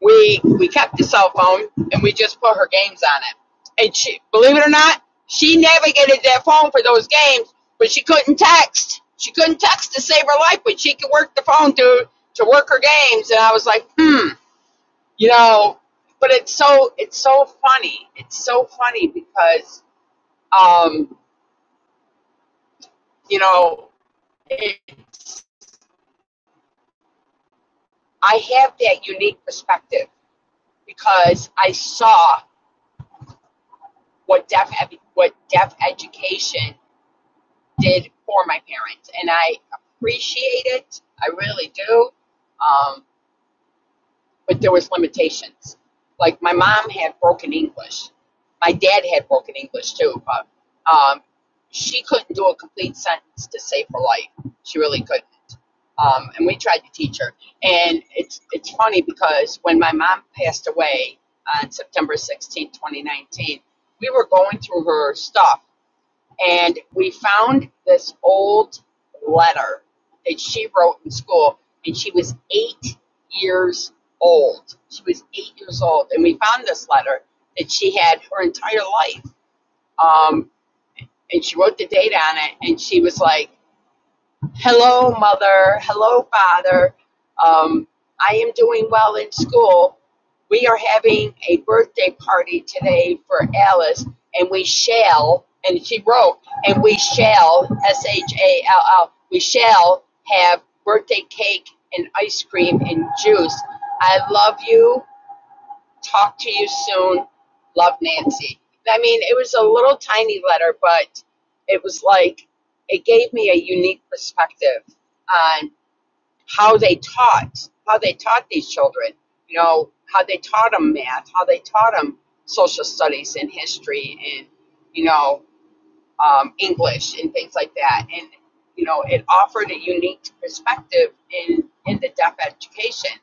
Speaker 3: we we kept the cell phone and we just put her games on it. And she, believe it or not, she navigated that phone for those games, but she couldn't text. She couldn't text to save her life, but she could work the phone to to work her games. And I was like, hmm, you know. But it's so it's so funny. It's so funny because um, you know it, I have that unique perspective because I saw what deaf what deaf education did for my parents, and I appreciate it. I really do. Um, but there was limitations. Like my mom had broken English. My dad had broken English too, but um, she couldn't do a complete sentence to save her life. She really couldn't. Um, and we tried to teach her. And it's it's funny because when my mom passed away on September sixteenth, 2019, we were going through her stuff and we found this old letter that she wrote in school and she was eight years old she was eight years old and we found this letter that she had her entire life um, and she wrote the date on it and she was like hello mother hello father um, i am doing well in school we are having a birthday party today for alice and we shall and she wrote and we shall s-h-a-l-l we shall have birthday cake and ice cream and juice i love you Talk to you soon. Love Nancy. I mean, it was a little tiny letter, but it was like it gave me a unique perspective on how they taught, how they taught these children, you know, how they taught them math, how they taught them social studies and history and, you know, um, English and things like that. And, you know, it offered a unique perspective in, in the deaf education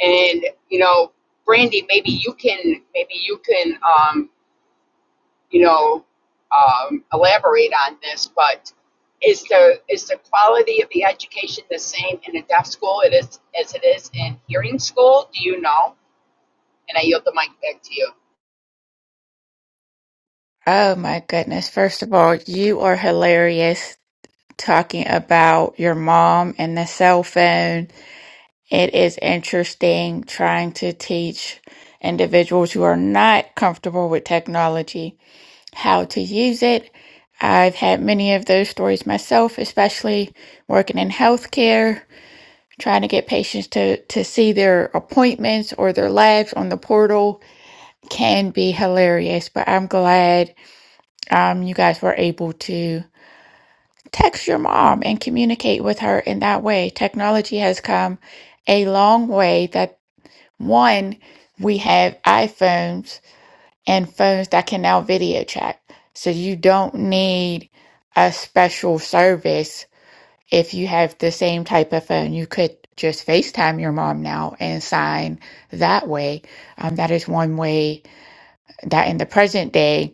Speaker 3: and you know brandy maybe you can maybe you can um, you know um, elaborate on this but is the is the quality of the education the same in a deaf school it is as it is in hearing school do you know and i yield the mic back to you
Speaker 1: Oh my goodness. First of all, you are hilarious talking about your mom and the cell phone. It is interesting trying to teach individuals who are not comfortable with technology how to use it. I've had many of those stories myself, especially working in healthcare, trying to get patients to, to see their appointments or their labs on the portal can be hilarious, but I'm glad um, you guys were able to text your mom and communicate with her in that way. Technology has come a long way that one, we have iPhones and phones that can now video chat. So you don't need a special service if you have the same type of phone. You could just FaceTime your mom now and sign that way. Um, that is one way that in the present day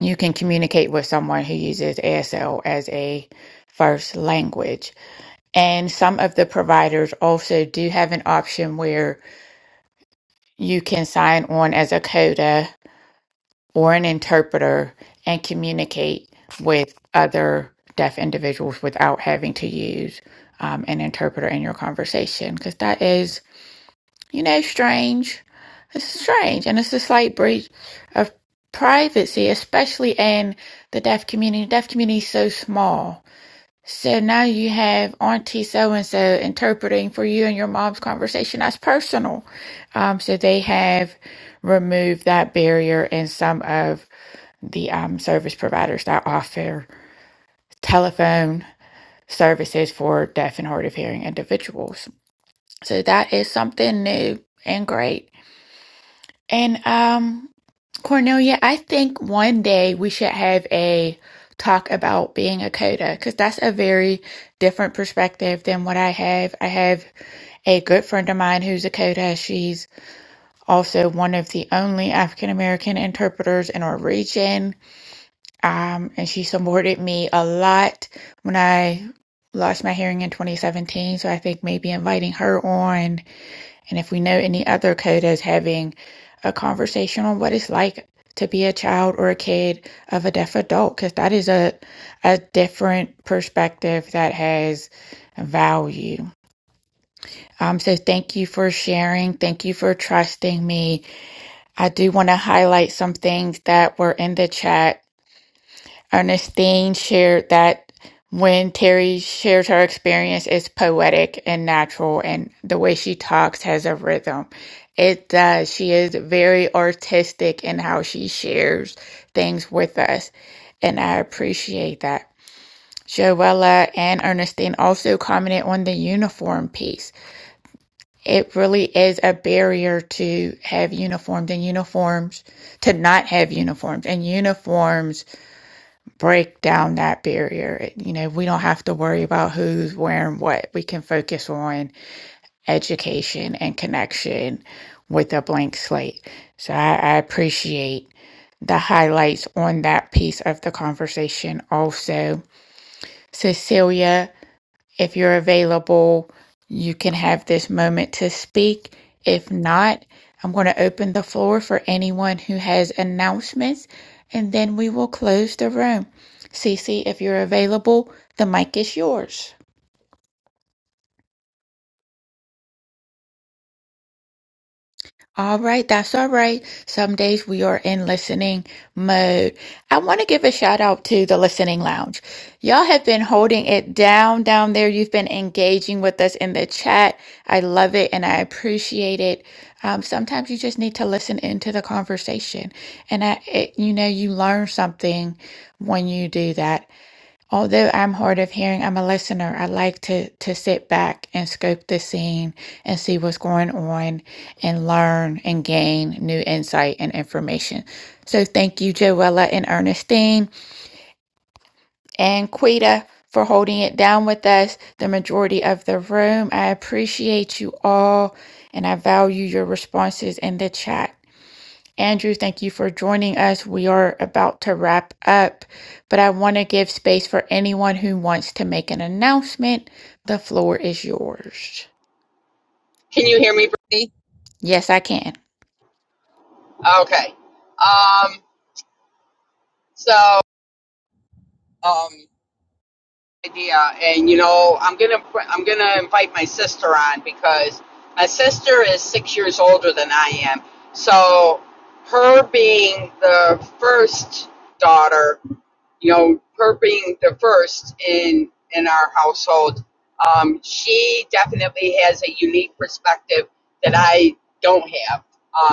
Speaker 1: you can communicate with someone who uses ASL as a first language. And some of the providers also do have an option where you can sign on as a coda or an interpreter and communicate with other deaf individuals without having to use um, an interpreter in your conversation. Because that is, you know, strange. It's strange. And it's a slight breach of privacy, especially in the deaf community. The deaf community is so small So now you have Auntie so and so interpreting for you and your mom's conversation. That's personal. Um, so they have removed that barrier in some of the um, service providers that offer telephone services for deaf and hard of hearing individuals. So that is something new and great. And um, Cornelia, I think one day we should have a talk about being a coder because that's a very different perspective than what I have. I have a good friend of mine who's a coder. She's also one of the only African American interpreters in our region. Um, and she supported me a lot when I lost my hearing in 2017. So I think maybe inviting her on and if we know any other codas having a conversation on what it's like to be a child or a kid of a deaf adult, because that is a, a different perspective that has value. Um, so thank you for sharing. Thank you for trusting me. I do want to highlight some things that were in the chat Ernestine shared that when Terry shares her experience, it's poetic and natural, and the way she talks has a rhythm. It does. She is very artistic in how she shares things with us, and I appreciate that. Joella and Ernestine also commented on the uniform piece. It really is a barrier to have uniforms and uniforms, to not have uniforms and uniforms break down that barrier. You know, we don't have to worry about who's wearing what. We can focus on education and connection with a blank slate. So I, I appreciate the highlights on that piece of the conversation. Also, Cecilia. If you're available, you can have this moment to speak. If not, I'm going to open the floor for anyone who has announcements and then we will close the room. Cece, if you're available, the mic is yours. All right, that's all right. Some days we are in listening mode. I want to give a shout out to the Listening Lounge. Y'all have been holding it down down there. You've been engaging with us in the chat. I love it and I appreciate it. Um, sometimes you just need to listen into the conversation, and I, it, you know, you learn something when you do that. Although I'm hard of hearing, I'm a listener. I like to to sit back and scope the scene and see what's going on and learn and gain new insight and information. So thank you, Joella and Ernestine and Quita for holding it down with us, the majority of the room. I appreciate you all and I value your responses in the chat. Andrew, thank you for joining us. We are about to wrap up, but I want to give space for anyone who wants to make an announcement. The floor is yours.
Speaker 3: can you hear me brandy
Speaker 1: Yes, I can.
Speaker 3: okay um, so um, idea. And you know, I'm gonna I'm gonna invite my sister on because my sister is six years older than I am. So her being the first daughter, you know, her being the first in in our household, um, she definitely has a unique perspective that I don't have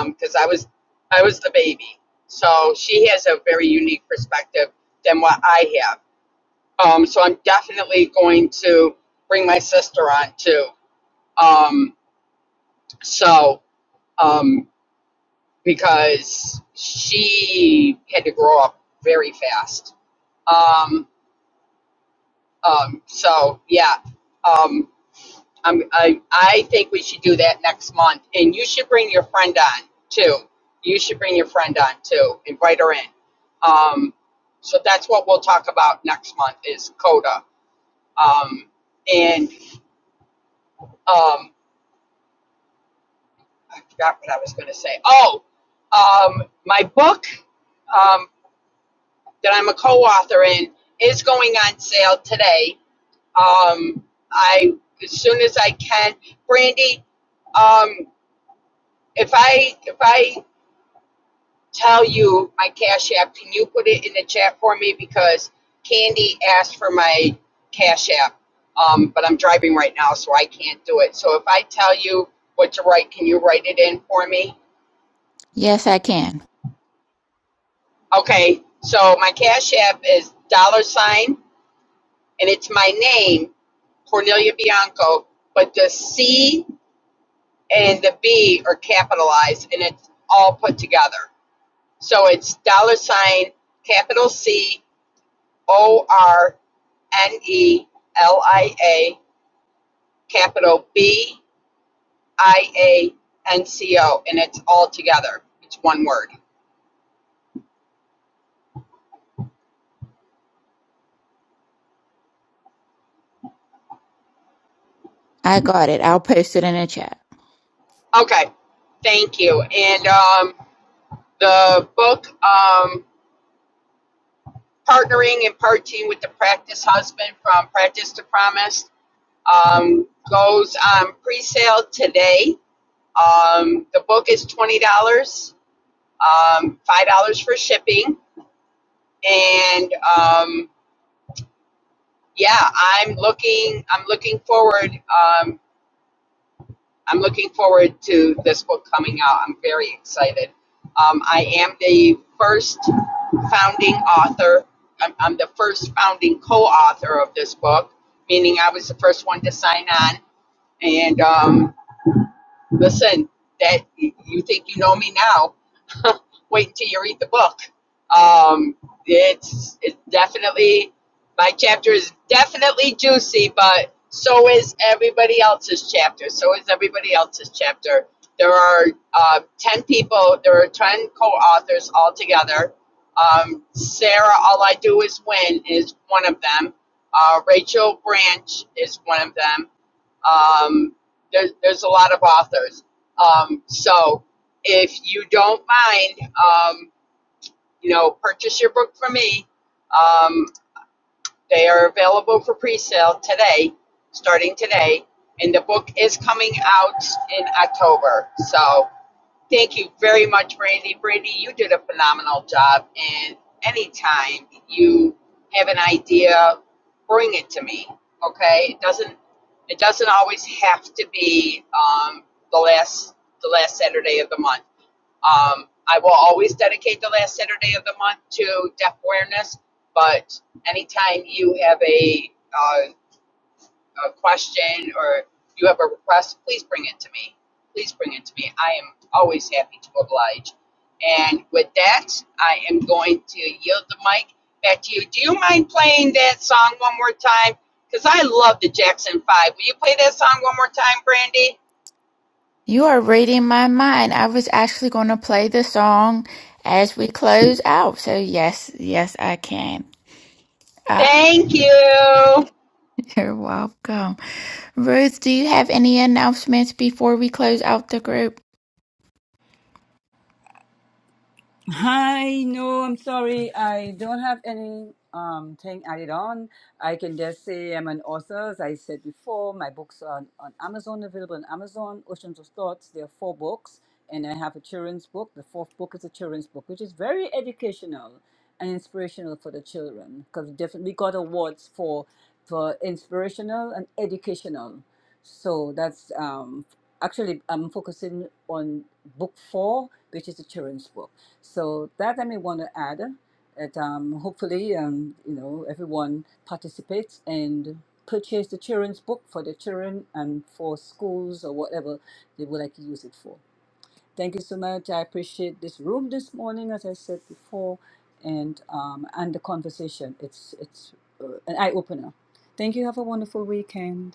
Speaker 3: because I was I was the baby. So she has a very unique perspective than what I have. Um, so I'm definitely going to bring my sister on too. Um, so um, because she had to grow up very fast. Um, um, so yeah, um, I'm, I I think we should do that next month, and you should bring your friend on too. You should bring your friend on too. Invite her in. Um, so that's what we'll talk about next month is Coda. Um, and um, I forgot what I was going to say. Oh, um, my book um, that I'm a co-author in is going on sale today. Um, I as soon as I can, Brandy. Um, if I if I tell you my cash app, can you put it in the chat for me because Candy asked for my cash app, um, but I'm driving right now, so I can't do it. So if I tell you what to write, can you write it in for me?
Speaker 1: Yes, I can.
Speaker 3: Okay, so my Cash App is dollar sign, and it's my name, Cornelia Bianco, but the C and the B are capitalized, and it's all put together. So it's dollar sign, capital C, O R N E L I A, capital B I A N C O, and it's all together. It's one word.
Speaker 1: I got it. I'll post it in the chat.
Speaker 3: Okay, thank you. And um, the book, um, partnering and partying with the practice husband from Practice to Promise um, goes on pre-sale today. Um, the book is twenty dollars, um, five dollars for shipping, and um, yeah, I'm looking. I'm looking forward um, I'm looking forward to this book coming out. I'm very excited. Um, I am the first founding author. I'm, I'm the first founding co-author of this book, meaning I was the first one to sign on. And um, Listen, that you think you know me now. Wait until you read the book. Um, it's it's definitely my chapter is definitely juicy, but so is everybody else's chapter. So is everybody else's chapter. There are uh, ten people. There are ten co-authors altogether. Um, Sarah, all I do is win, is one of them. Uh, Rachel Branch is one of them um, there's there's a lot of authors. Um, so if you don't mind, um, you know, purchase your book from me. Um, they are available for pre-sale today, starting today, and the book is coming out in October. So Thank you very much, Brandy. Brandy, you did a phenomenal job. And anytime you have an idea, bring it to me. Okay, it doesn't it doesn't always have to be um, the last the last Saturday of the month. Um, I will always dedicate the last Saturday of the month to deaf awareness. But anytime you have a uh, a question or you have a request, please bring it to me. Please bring it to me. I am always happy to oblige. And with that, I am going to yield the mic back to you. Do you mind playing that song one more time? Because I love the Jackson Five. Will you play that song one more time, Brandy?
Speaker 1: You are reading my mind. I was actually going to play the song as we close out. So, yes, yes, I can. Ah,
Speaker 3: Thank you.
Speaker 1: you're welcome. Ruth, do you have any announcements before we close out the group?
Speaker 6: Hi, no, I'm sorry. I don't have any um thing added on. I can just say I'm an author, as I said before. My books are on, on Amazon, available on Amazon, Oceans of Thoughts. There are four books, and I have a children's book. The fourth book is a children's book, which is very educational and inspirational for the children because definitely got awards for for inspirational and educational. So that's um actually I'm focusing on book four, which is the children's book. So that I may want to add that um, hopefully um, you know everyone participates and purchase the children's book for the children and for schools or whatever they would like to use it for. Thank you so much. I appreciate this room this morning, as I said before, and um, and the conversation. It's it's uh, an eye opener. Thank you. Have a wonderful weekend.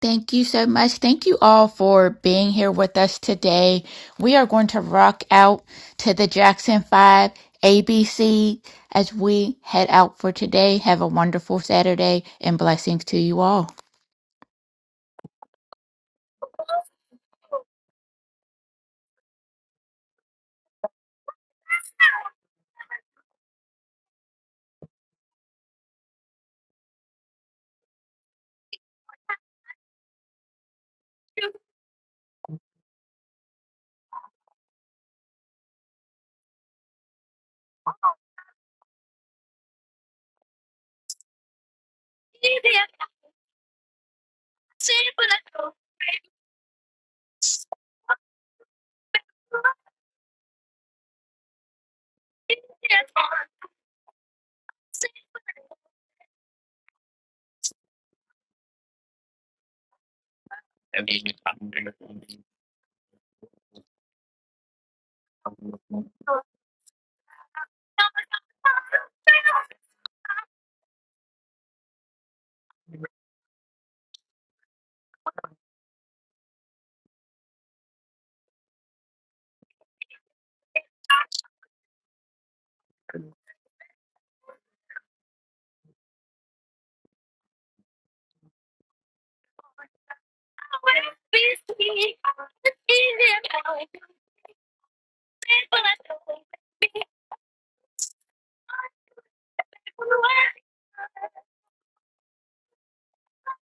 Speaker 1: Thank you so much. Thank you all for being here with us today. We are going to rock out to the Jackson 5 ABC as we head out for today. Have a wonderful Saturday and blessings to you all.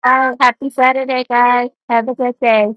Speaker 1: Oh, happy Saturday, guys. Have a good day.